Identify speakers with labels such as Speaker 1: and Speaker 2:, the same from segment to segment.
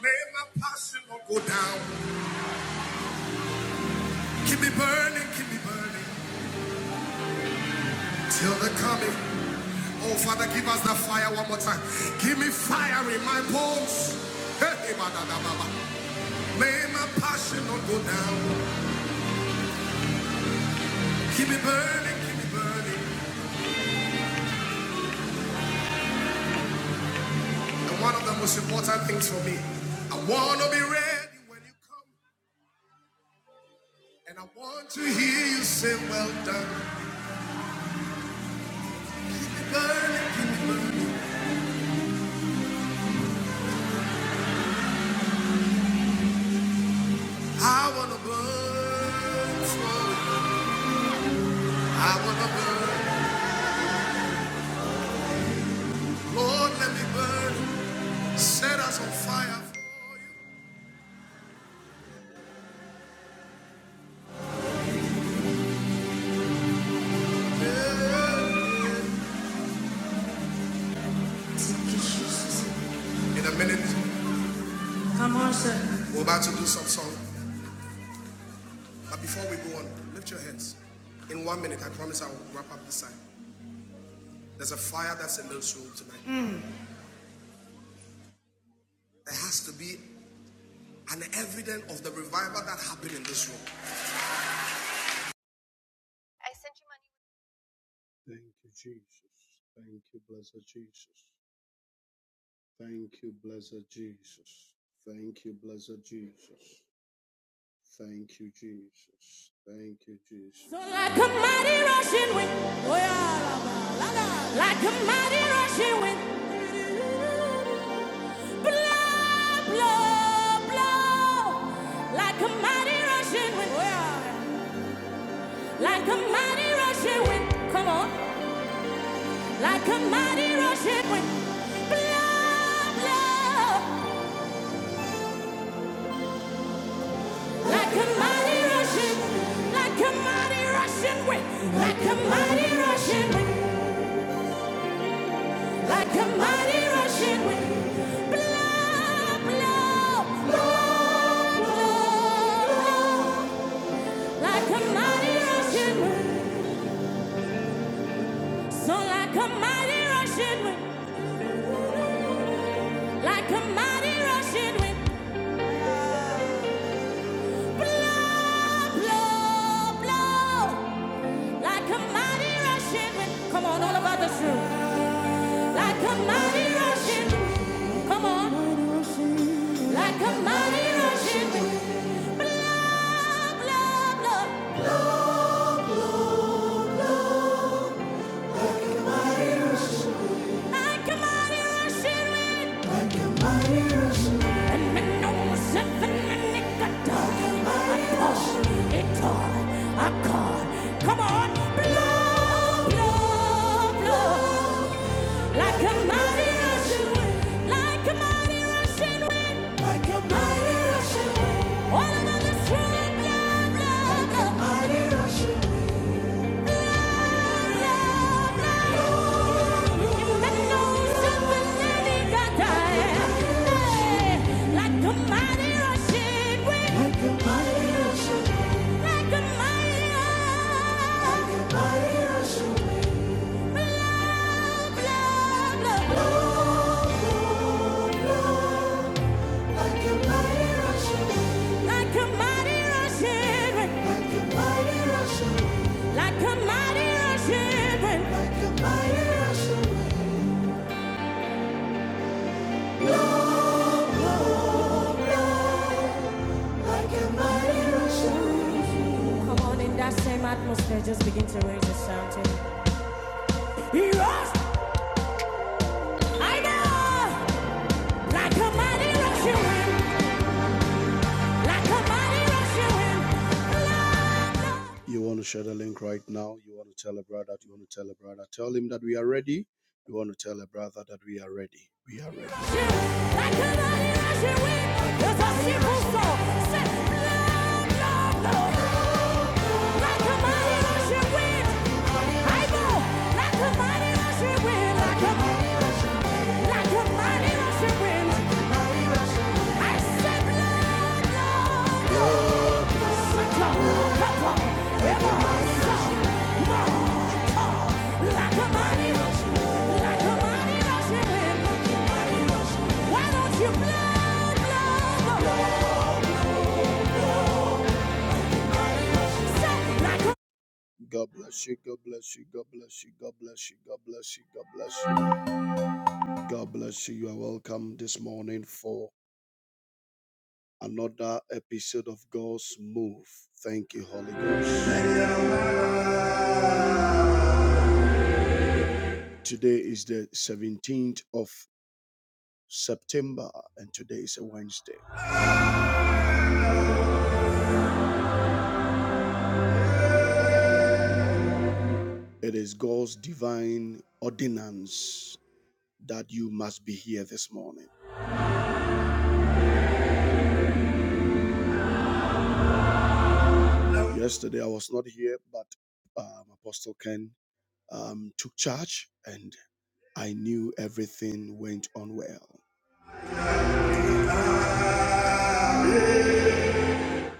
Speaker 1: May my passion not go down. Keep me burning, keep me burning till the coming. Oh, Father, give us the fire one more time. Give me fire in my bones. Hey, hey, ba, da, da, May my passion not go down. Keep me burning, keep me burning. And one of the most important things for me, I want to be ready when you come. And I want to hear you say, well done. Keep burning, keep me burning. I want to burn for you. I want to burn. Lord, let me burn. Set us on fire for you. Yeah. In a minute, Come on, sir. we're about to do some song. But before we go on, lift your hands. In one minute, I promise I will wrap up this time. There's a fire that's in this room tonight. Mm. There has to be an evidence of the revival that happened in this room. Thank you, Jesus. Thank you, blessed Jesus. Thank you, blessed Jesus. Thank you, blessed Jesus. Thank you, Jesus. Thank you, Jesus. So like a mighty rushing wind, oh yeah, like a mighty rushing wind. Blow, blow, blow. Like a mighty rushing wind, oh yeah. Like a mighty rushing wind, come on. Like a mighty rushing wind, blow. Like a mighty rushing, like a mighty rushing wind, like a mighty rushing wind. Like a mighty rushing wind. blow, blow, blow. Like a mighty rushing wind. So like a mighty rushing wind. Like a mighty rushing wind. Blow, blow. Like a mighty rushing wind. Come on, all about this room. Like a mighty rushing Come on. Like a mighty rushing wind. Up, blow, blow. Like a mighty rushing wind. a mighty rushing wind. And men on seven and it got dark. I call, it call, I call. Come on, blow, blow, blow. Like a mighty rushing wind. Like a mighty rushing wind. Like a mighty rushing wind. All another strong blow, blow, blow. Mighty rushing. Like a mighty rushing wind. Like a mighty rushing wind. Come on, in that same atmosphere, just begin to raise the sound He rocks! I know! Like a mighty rushing Like a mighty rushing You want to share the link right now. You want to tell a brother. You want to tell a brother. Tell him that we are ready. You want to tell a brother that we are ready. We are ready. Like a God bless you. God bless you. God bless you. God bless you. God bless you. God bless you. God bless you. You are welcome this morning for another episode of God's Move. Thank you, Holy Ghost. Today is the 17th of September, and today is a Wednesday. It is God's divine ordinance that you must be here this morning. Yesterday I was not here, but um, Apostle Ken um, took charge and I knew everything went on well.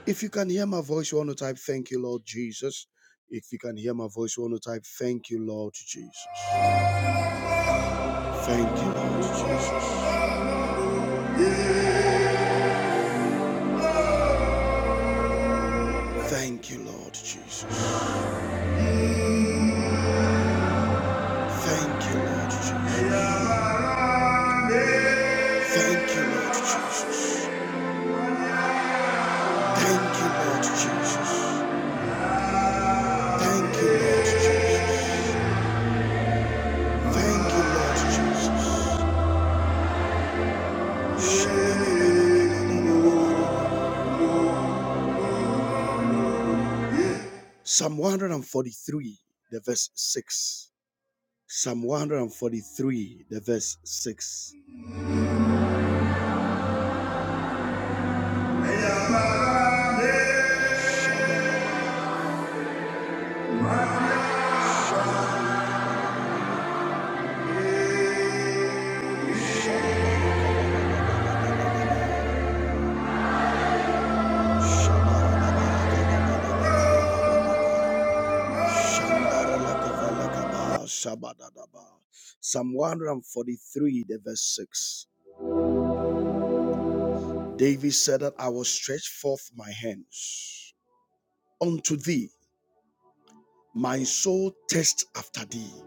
Speaker 1: If you can hear my voice, you want to type, Thank you, Lord Jesus. If you can hear my voice, you want to type, Thank you, Lord Jesus. Thank you, Lord Jesus. Thank you, Lord Jesus. Thank you, Lord Jesus. Thank you, Lord Jesus. Thank you, Lord Jesus. Thank you, Lord Jesus. Thank you, Lord Jesus. Psalm 143, the verse 6. Psalm 143, the verse 6. Psalm 143, the verse 6. David said that I will stretch forth my hands unto thee, my soul thirsts after thee.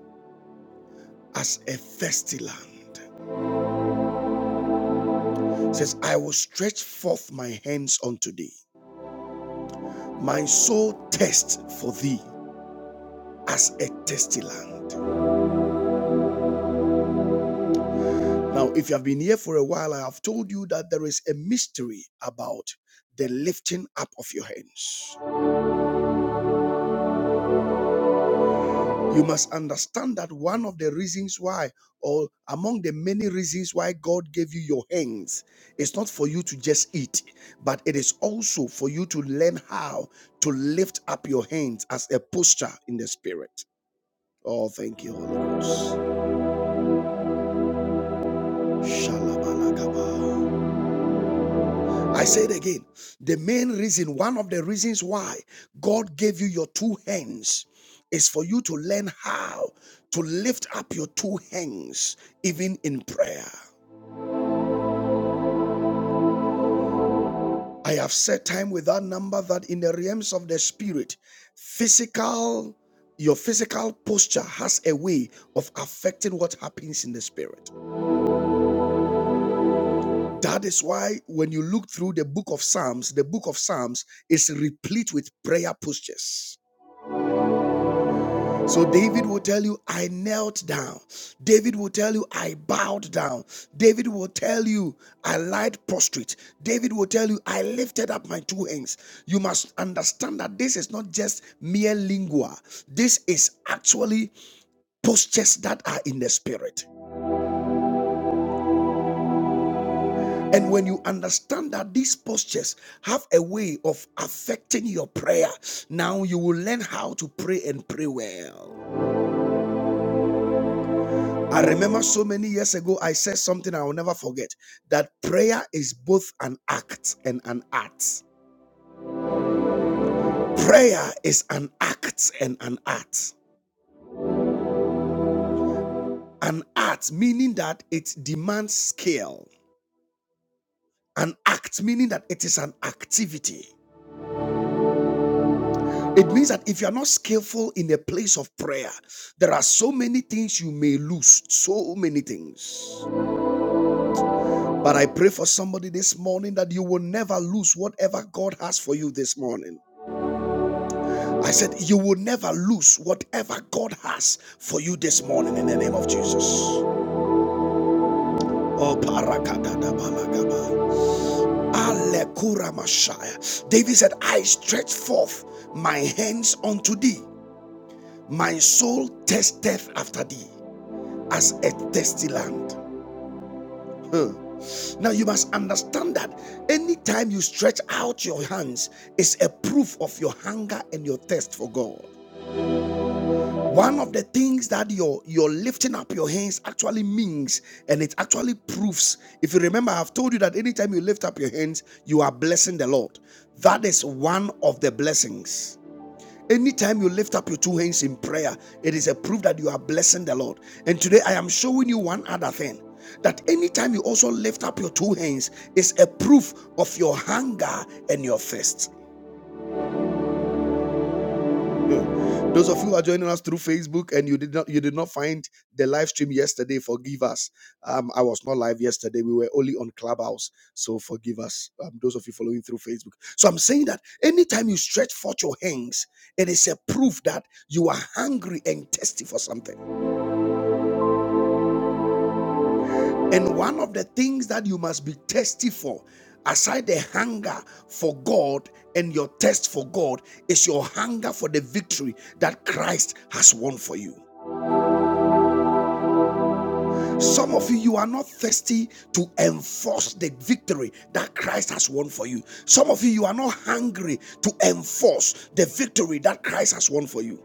Speaker 1: as a thirsty land. It says, I will stretch forth my hands unto thee. My soul thirsts for thee as a thirsty land. Now, if you have been here for a while, I have told you that there is a mystery about the lifting up of your hands. You must understand that one of the reasons why, or among the many reasons why God gave you your hands, is not for you to just eat, but it is also for you to learn how to lift up your hands as a posture in the spirit. Oh, thank you, Holy Ghost. Shalabalakaba. I say it again. The main reason, one of the reasons why God gave you your two hands is for you to learn how to lift up your two hands, even in prayer. I have said time without number that in the realms of the spirit, physical, your physical posture has a way of affecting what happens in the spirit. That is why when you look through the book of Psalms, the book of Psalms is replete with prayer postures. So David will tell you, I knelt down. David will tell you, I bowed down. David will tell you, I lied prostrate. David will tell you, I lifted up my two hands. You must understand that this is not just mere lingua, this is actually postures that are in the spirit. And when you understand that these postures have a way of affecting your prayer, now you will learn how to pray and pray well. I remember so many years ago, I said something I will never forget that prayer is both an act and an art. Prayer is an act and an art. An art, meaning that it demands skill. An act, meaning that it is an activity. It means that if you are not skillful in a place of prayer, there are so many things you may lose, so many things. But I pray for somebody this morning that you will never lose whatever God has for you this morning. I said, You will never lose whatever God has for you this morning in the name of Jesus. Oh, parakatadabalagaba. Alekuramashaya. David said, I stretch forth my hands unto thee. My soul testeth after thee as a thirsty land. Huh. Now you must understand that anytime you stretch out your hands is a proof of your hunger and your thirst for God. One of the things that you're you're lifting up your hands actually means, and it actually proves. If you remember, I've told you that anytime you lift up your hands, you are blessing the Lord. That is one of the blessings. Anytime you lift up your two hands in prayer, it is a proof that you are blessing the Lord. And today I am showing you one other thing that anytime you also lift up your two hands is a proof of your hunger and your thirst. Those of you who are joining us through Facebook and you did not you did not find the live stream yesterday, forgive us. Um, I was not live yesterday. We were only on Clubhouse, so forgive us. Um, those of you following through Facebook. So I'm saying that anytime you stretch forth your hands, it is a proof that you are hungry and thirsty for something. And one of the things that you must be thirsty for, aside the hunger for God and your thirst for God, is your hunger for the victory that Christ has won for you. Some of you, you are not thirsty to enforce the victory that Christ has won for you. Some of you, you are not hungry to enforce the victory that Christ has won for you.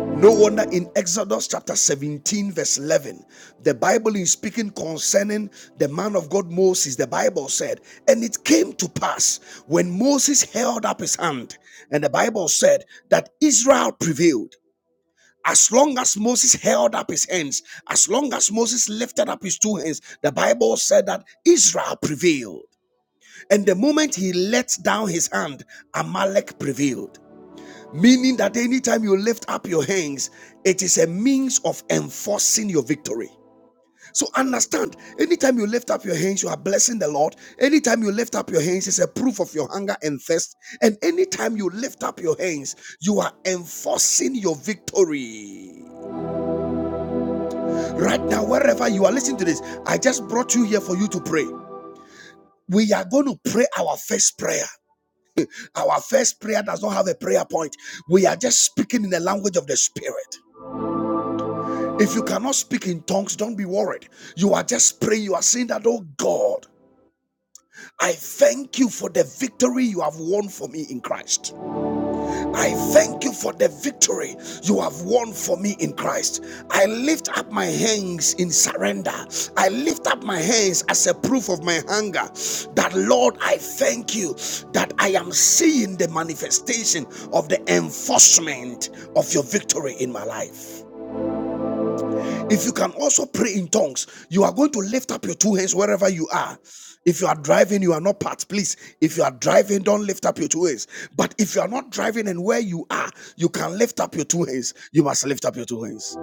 Speaker 1: No wonder in Exodus chapter 17, verse 11, the Bible is speaking concerning the man of God Moses. The Bible said, And it came to pass when Moses held up his hand, and the Bible said that Israel prevailed. As long as Moses held up his hands, as long as Moses lifted up his two hands, the Bible said that Israel prevailed. And the moment he let down his hand, Amalek prevailed. Meaning that anytime you lift up your hands, it is a means of enforcing your victory. So understand, anytime you lift up your hands, you are blessing the Lord. Anytime you lift up your hands, it's a proof of your hunger and thirst. And anytime you lift up your hands, you are enforcing your victory. Right now, wherever you are listening to this, I just brought you here for you to pray. We are going to pray our first prayer. Our first prayer does not have a prayer point. We are just speaking in the language of the Spirit. If you cannot speak in tongues, don't be worried. You are just praying. You are saying that, oh God, I thank you for the victory you have won for me in Christ. I thank you for the victory you have won for me in Christ. I lift up my hands in surrender. I lift up my hands as a proof of my hunger. That Lord, I thank you that I am seeing the manifestation of the enforcement of your victory in my life. If you can also pray in tongues, you are going to lift up your two hands wherever you are. If you are driving, you are not part. Please, if you are driving, don't lift up your two hands. But if you are not driving and where you are, you can lift up your two hands. You must lift up your two hands.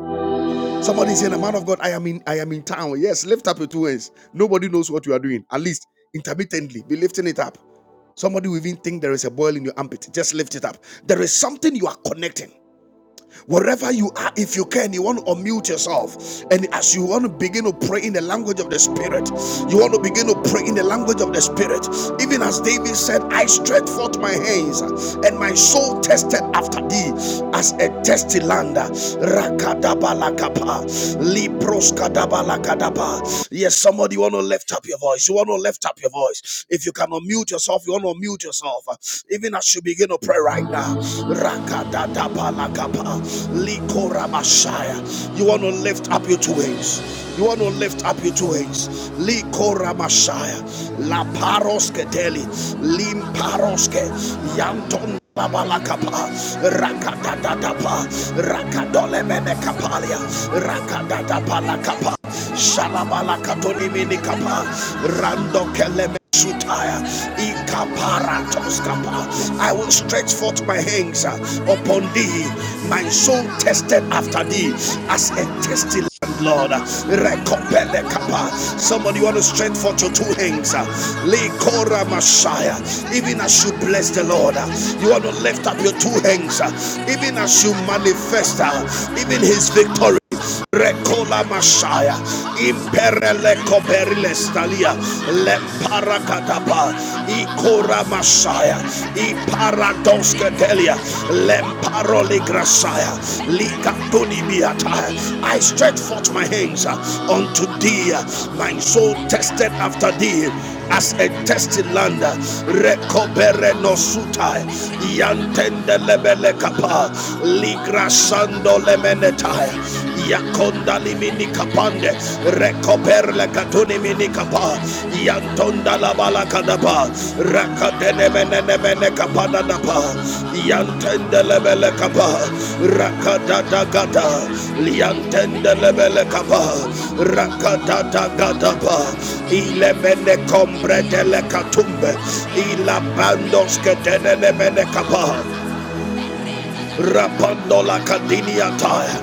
Speaker 1: Somebody saying, "A man of God, I am in, I am in town." Yes, lift up your two hands. Nobody knows what you are doing. At least intermittently, be lifting it up. Somebody will even think there is a boil in your armpit. Just lift it up. There is something you are connecting. Wherever you are, if you can, you want to unmute yourself. And as you want to begin to pray in the language of the Spirit, you want to begin to pray in the language of the Spirit. Even as David said, I stretched forth my hands and my soul tested after thee as a testy land. Yes, somebody want to want to lift up your voice, you want to lift up your voice. If you can unmute yourself, you want to unmute yourself. Uh, Even as you begin to pray right now, you want to lift up your two hands. You want to lift up your two hands. Likora Mashaya, La Paroske Deli, Lim Paroske, Yanton Babalakapa, Rakadadapa, Rakadole Mene Kapalia, Rakadadapa Lakapa, Shalabala katoni mini kapa. Rando keleme sutaya. Ikaparatos kapa. I will stretch forth my hands uh, upon thee. My soul tested after thee as a testimony. Lord, recopele kapa. Somebody want to stretch forth your two hands. Likora Messiah. Even as you bless the Lord, you want to lift up your two hands. Even as you manifest, even His victory. Recola Messiah. Imperele coperiles talia. Lempara katapa. Ikora Messiah. Iparadoskatelia, Lemparoligrasaya, Likatonibiataya. I stretch forth my hands uh, unto thee, uh, my soul tested after thee. As a tested land, uh, recobere no sutai, yantende lebele kapa, ligrasando lemenetai, yakonda limini kapande rekoperle katuni mini kapa yantonda la bala rakadene mene mene kapana dapa yantende lebele kapa rakadata gata liantende lebele kapa rakadada gata pa ile mene kombre dele katumbe ila bandos ketene mene kapa Rapandola Cadinia Tire,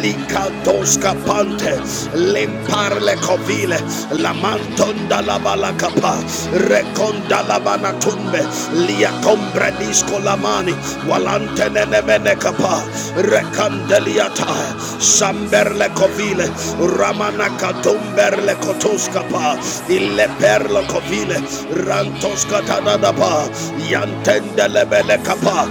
Speaker 1: Licatosca Pante, Limparle Covile, Lamantonda la Balacapa, Reconda la Banatumbe, Lia Compredisco Lamani, Walantene Nevenecapa, Recandelia Tire, Samberle Covile, Ramana Catumberle Cotoscapa, Ile Perlo Covile, Rantosca Tadadapa,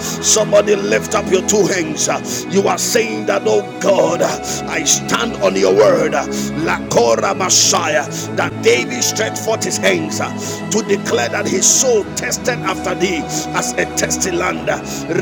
Speaker 1: Somebody lift up your two hands. You are saying that, oh God, I stand on your word. Lakora Messiah. That David stretched forth his hands to declare that his soul tested after thee as a tested land.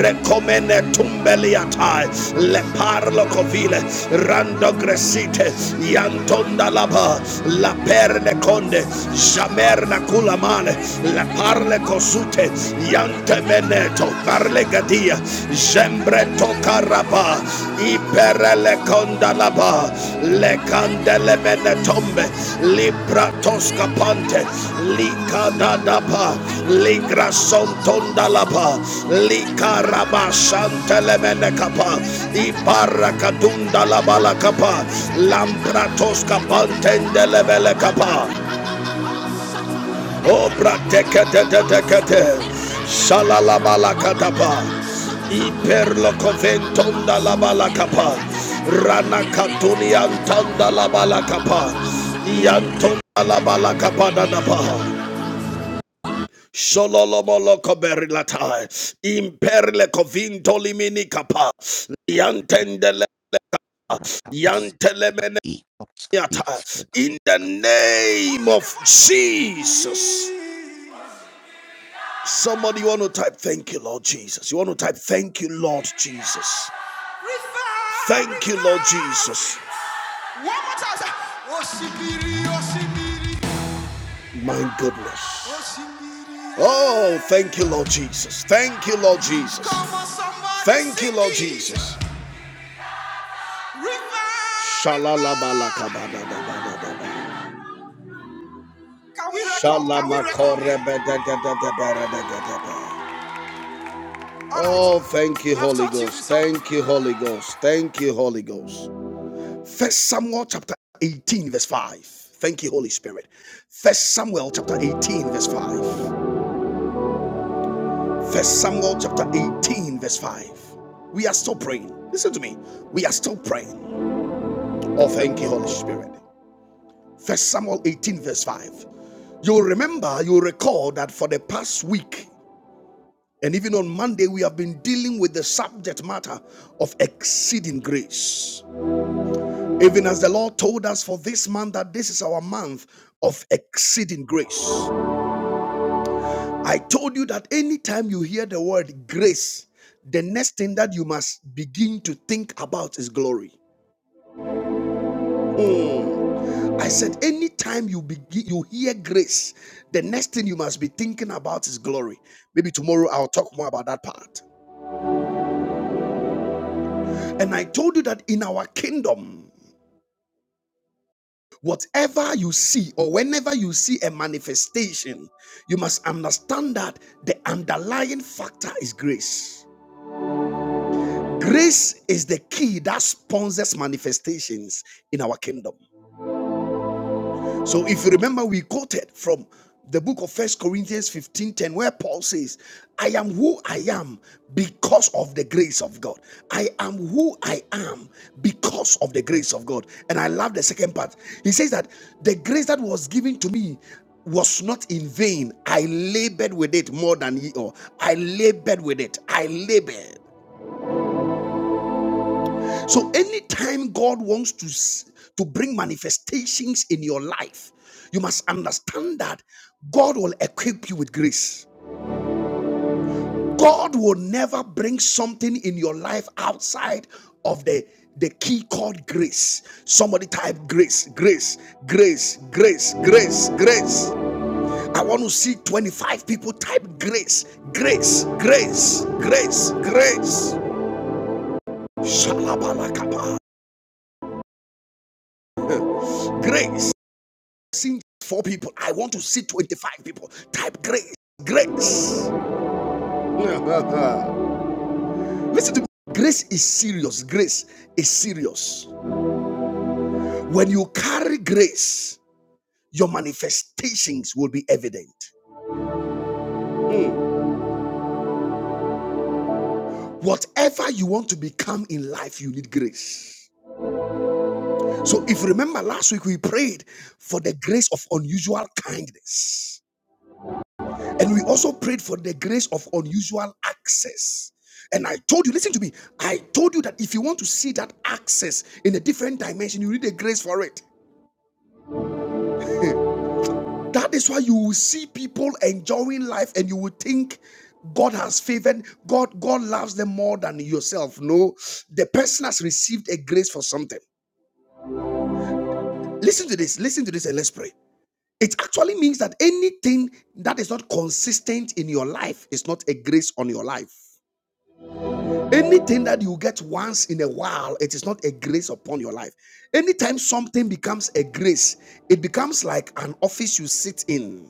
Speaker 1: Recommende tumbeliatai. Leparlo covile. Rando gresite. Yantonda laba. La perne conde. Jamerna kulamane la parle cosute yante meneto parle gadia jembre tocaraba iperele condalaba le candele menetombe libratoscapante licadadapa ligrasontondalaba licaraba santelemenecapa iparacadundalabalacapa lambratoskapantendelebele capa lambratoskapante ndelebele capa Obra teketetetekete. Shalalabalakatapa. Iperlokoventonda labalakapa. Ranakatuni antonda labalakapa. Iantonda labalakapa dadapa. Shololomolokoberilatai. Imperlekovintoliminikapa. Iantendele-
Speaker 2: Lakaima
Speaker 1: Yantelemeniata. In the name of Jesus. Somebody, you want to type, Thank you, Lord Jesus. You want to type, Thank you, Lord Jesus. Thank you, Lord Jesus. My goodness. Oh, thank you, Lord Jesus. Thank you, Lord Jesus. Thank you, Lord Jesus. Shalalabalakabadadabadadaba. Oh, thank you, Holy Ghost. Thank you, Holy Ghost. Thank you, Holy Ghost. First Samuel chapter 18, verse 5. Thank you, Holy Spirit. First Samuel chapter 18, verse 5. First Samuel chapter 18, verse 5. We are still praying. Listen to me. We are still praying. Oh, thank you, Holy Spirit. First Samuel 18, verse 5. You'll remember, you'll recall that for the past week, and even on Monday, we have been dealing with the subject matter of exceeding grace. Even as the Lord told us for this month that this is our month of exceeding grace. I told you that anytime you hear the word grace, the next thing that you must begin to think about is glory. Mm. I said, anytime you begin, you hear grace, the next thing you must be thinking about is glory. Maybe tomorrow I'll talk more about that part. And I told you that in our kingdom, Whatever you see, or whenever you see a manifestation, you must understand that the underlying factor is grace. Grace is the key that sponsors manifestations in our kingdom. So if you remember, we quoted from the book of First Corinthians 15 10, where Paul says, I am who I am because of the grace of God. I am who I am because of the grace of God. And I love the second part. He says that the grace that was given to me was not in vain. I labored with it more than he or I labored with it. I labored. So anytime God wants to to bring manifestations in your life, you must understand that God will equip you with grace. God will never bring something in your life outside of the the key called grace. Somebody type grace, grace, grace, grace, grace, grace. I want to see 25 people type grace, grace, grace, grace, grace. Shalabalakapa. Grace, seen four people. I want to see 25 people. Type grace. Grace. Listen to me. Grace is serious. Grace is serious. When you carry grace, your manifestations will be evident. Mm. Whatever you want to become in life, you need grace. So if you remember last week, we prayed for the grace of unusual kindness. And we also prayed for the grace of unusual access. And I told you, listen to me, I told you that if you want to see that access in a different dimension, you need a grace for it. That is why you will see people enjoying life and you will think God has favored God, God loves them more than yourself. No, the person has received a grace for something. Listen to this, listen to this, and let's pray. It actually means that anything that is not consistent in your life is not a grace on your life. Anything that you get once in a while, it is not a grace upon your life. Anytime something becomes a grace, it becomes like an office you sit in.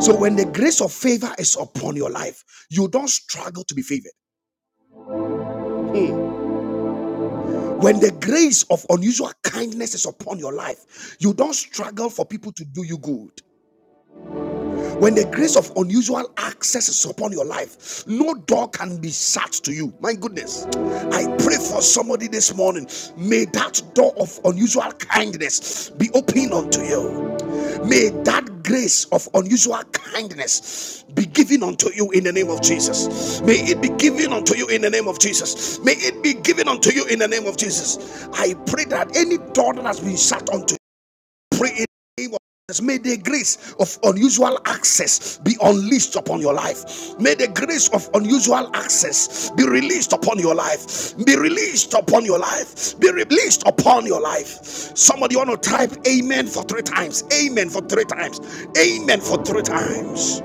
Speaker 1: So when the grace of favor is upon your life, you don't struggle to be favored. Mm. When the grace of unusual kindness is upon your life, you don't struggle for people to do you good. When the grace of unusual access is upon your life, no door can be shut to you. My goodness. I pray for somebody this morning. May that door of unusual kindness be opened unto you. May that grace of unusual kindness be given unto you in the name of Jesus. May it be given unto you in the name of Jesus. May it be given unto you in the name of Jesus. I pray that any door that has been shut unto pray in the name of Jesus. May the grace of unusual access be unleashed upon your life. May the grace of unusual access be released upon your life. Be released upon your life. Be released upon your life. Somebody want to type amen for three times. Amen for three times. Amen for three times.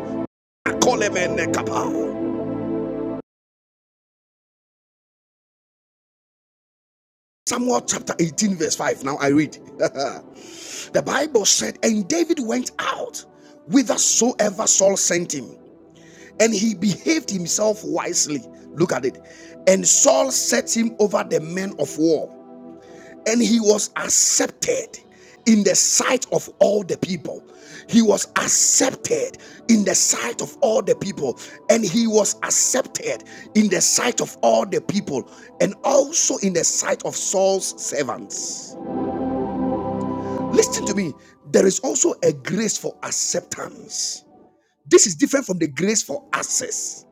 Speaker 1: Samuel chapter 18, verse 5. Now I read. the Bible said, And David went out whithersoever Saul sent him and he behaved himself wisely. Look at it. And Saul set him over the men of war, and he was accepted in the sight of all the people. He was accepted in the sight of all the people, and he was accepted in the sight of all the people, and also in the sight of Saul's servants. Listen to me, there is also a grace for acceptance. This is different from the grace for access.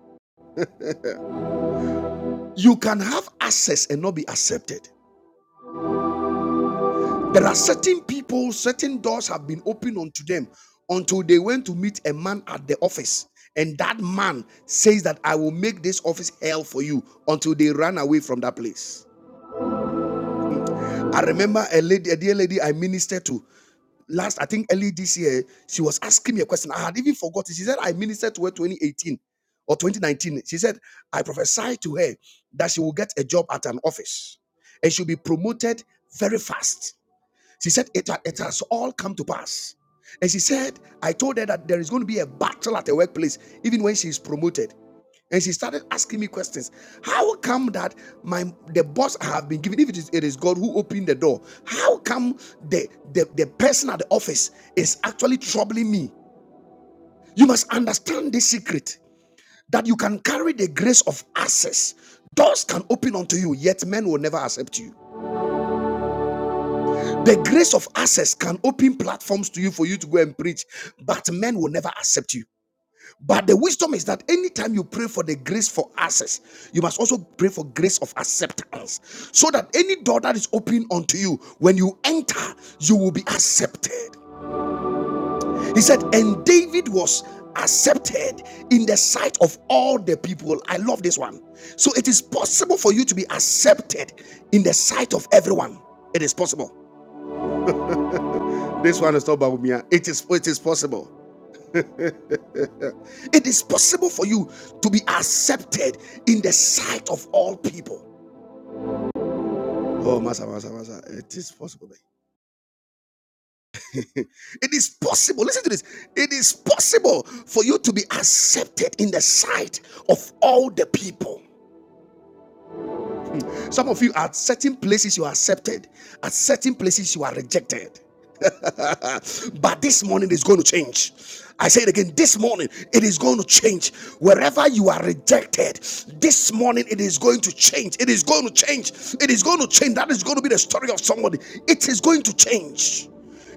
Speaker 1: You can have access and not be accepted. There are certain people, certain doors have been opened unto them until they went to meet a man at the office. And that man says that I will make this office hell for you until they ran away from that place. I remember a lady, a dear lady I ministered to. last, I think early this year, she was asking me a question. I had even forgotten. She said, I ministered to her 2018 or 2019. She said, I prophesied to her that she will get a job at an office and she'll be promoted very fast she said, it, it has all come to pass. And she said, I told her that there is going to be a battle at the workplace, even when she is promoted. And she started asking me questions. How come that my the boss I have been given, if it is, it is God who opened the door, how come the, the, the person at the office is actually troubling me? You must understand this secret that you can carry the grace of access. Doors can open unto you, yet men will never accept you. The grace of access can open platforms to you for you to go and preach, but men will never accept you. But the wisdom is that anytime you pray for the grace for access, you must also pray for grace of acceptance. So that any door that is open unto you, when you enter, you will be accepted. He said, and David was accepted in the sight of all the people. I love this one. So it is possible for you to be accepted in the sight of everyone. It is possible. This one is not Baumia. It is it is possible. it is possible for you to be accepted in the sight of all people. Oh, Master, Master, Master, it is possible. it is possible. Listen to this. It is possible for you to be accepted in the sight of all the people. Hmm. Some of you at certain places you are accepted, at certain places you are rejected. But this morning is going to change. I say it again this morning, it is going to change. Wherever you are rejected, this morning it is going to change. It is going to change. It is going to change. That is going to be the story of somebody. It is going to change.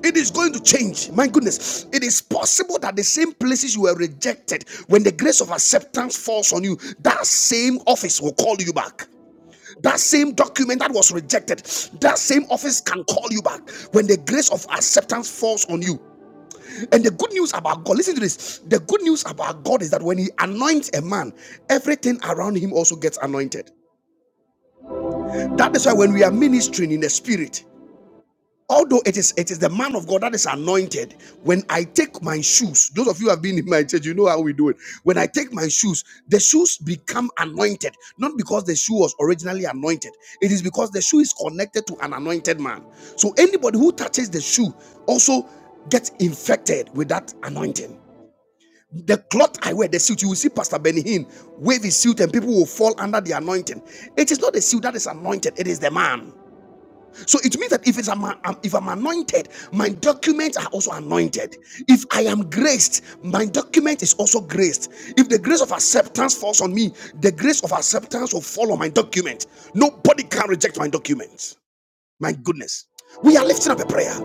Speaker 1: It is going to change. My goodness. It is possible that the same places you were rejected, when the grace of acceptance falls on you, that same office will call you back. That same document that was rejected, that same office can call you back when the grace of acceptance falls on you. And the good news about God, listen to this. The good news about God is that when He anoints a man, everything around him also gets anointed. That is why when we are ministering in the spirit, although it is it is the man of God that is anointed, when I take my shoes, those of you who have been in my church, you know how we do it. When I take my shoes, the shoes become anointed, not because the shoe was originally anointed. It is because the shoe is connected to an anointed man. So anybody who touches the shoe also gets infected with that anointing. The cloth I wear, the suit, you will see Pastor Benihin wave his suit and people will fall under the anointing. It is not the suit that is anointed, it is the man. So it means that if, it's am- if I'm anointed, my documents are also anointed. If I am graced, my document is also graced. If the grace of acceptance falls on me, the grace of acceptance will fall on my document. Nobody can reject my document. My goodness. We are lifting up a prayer.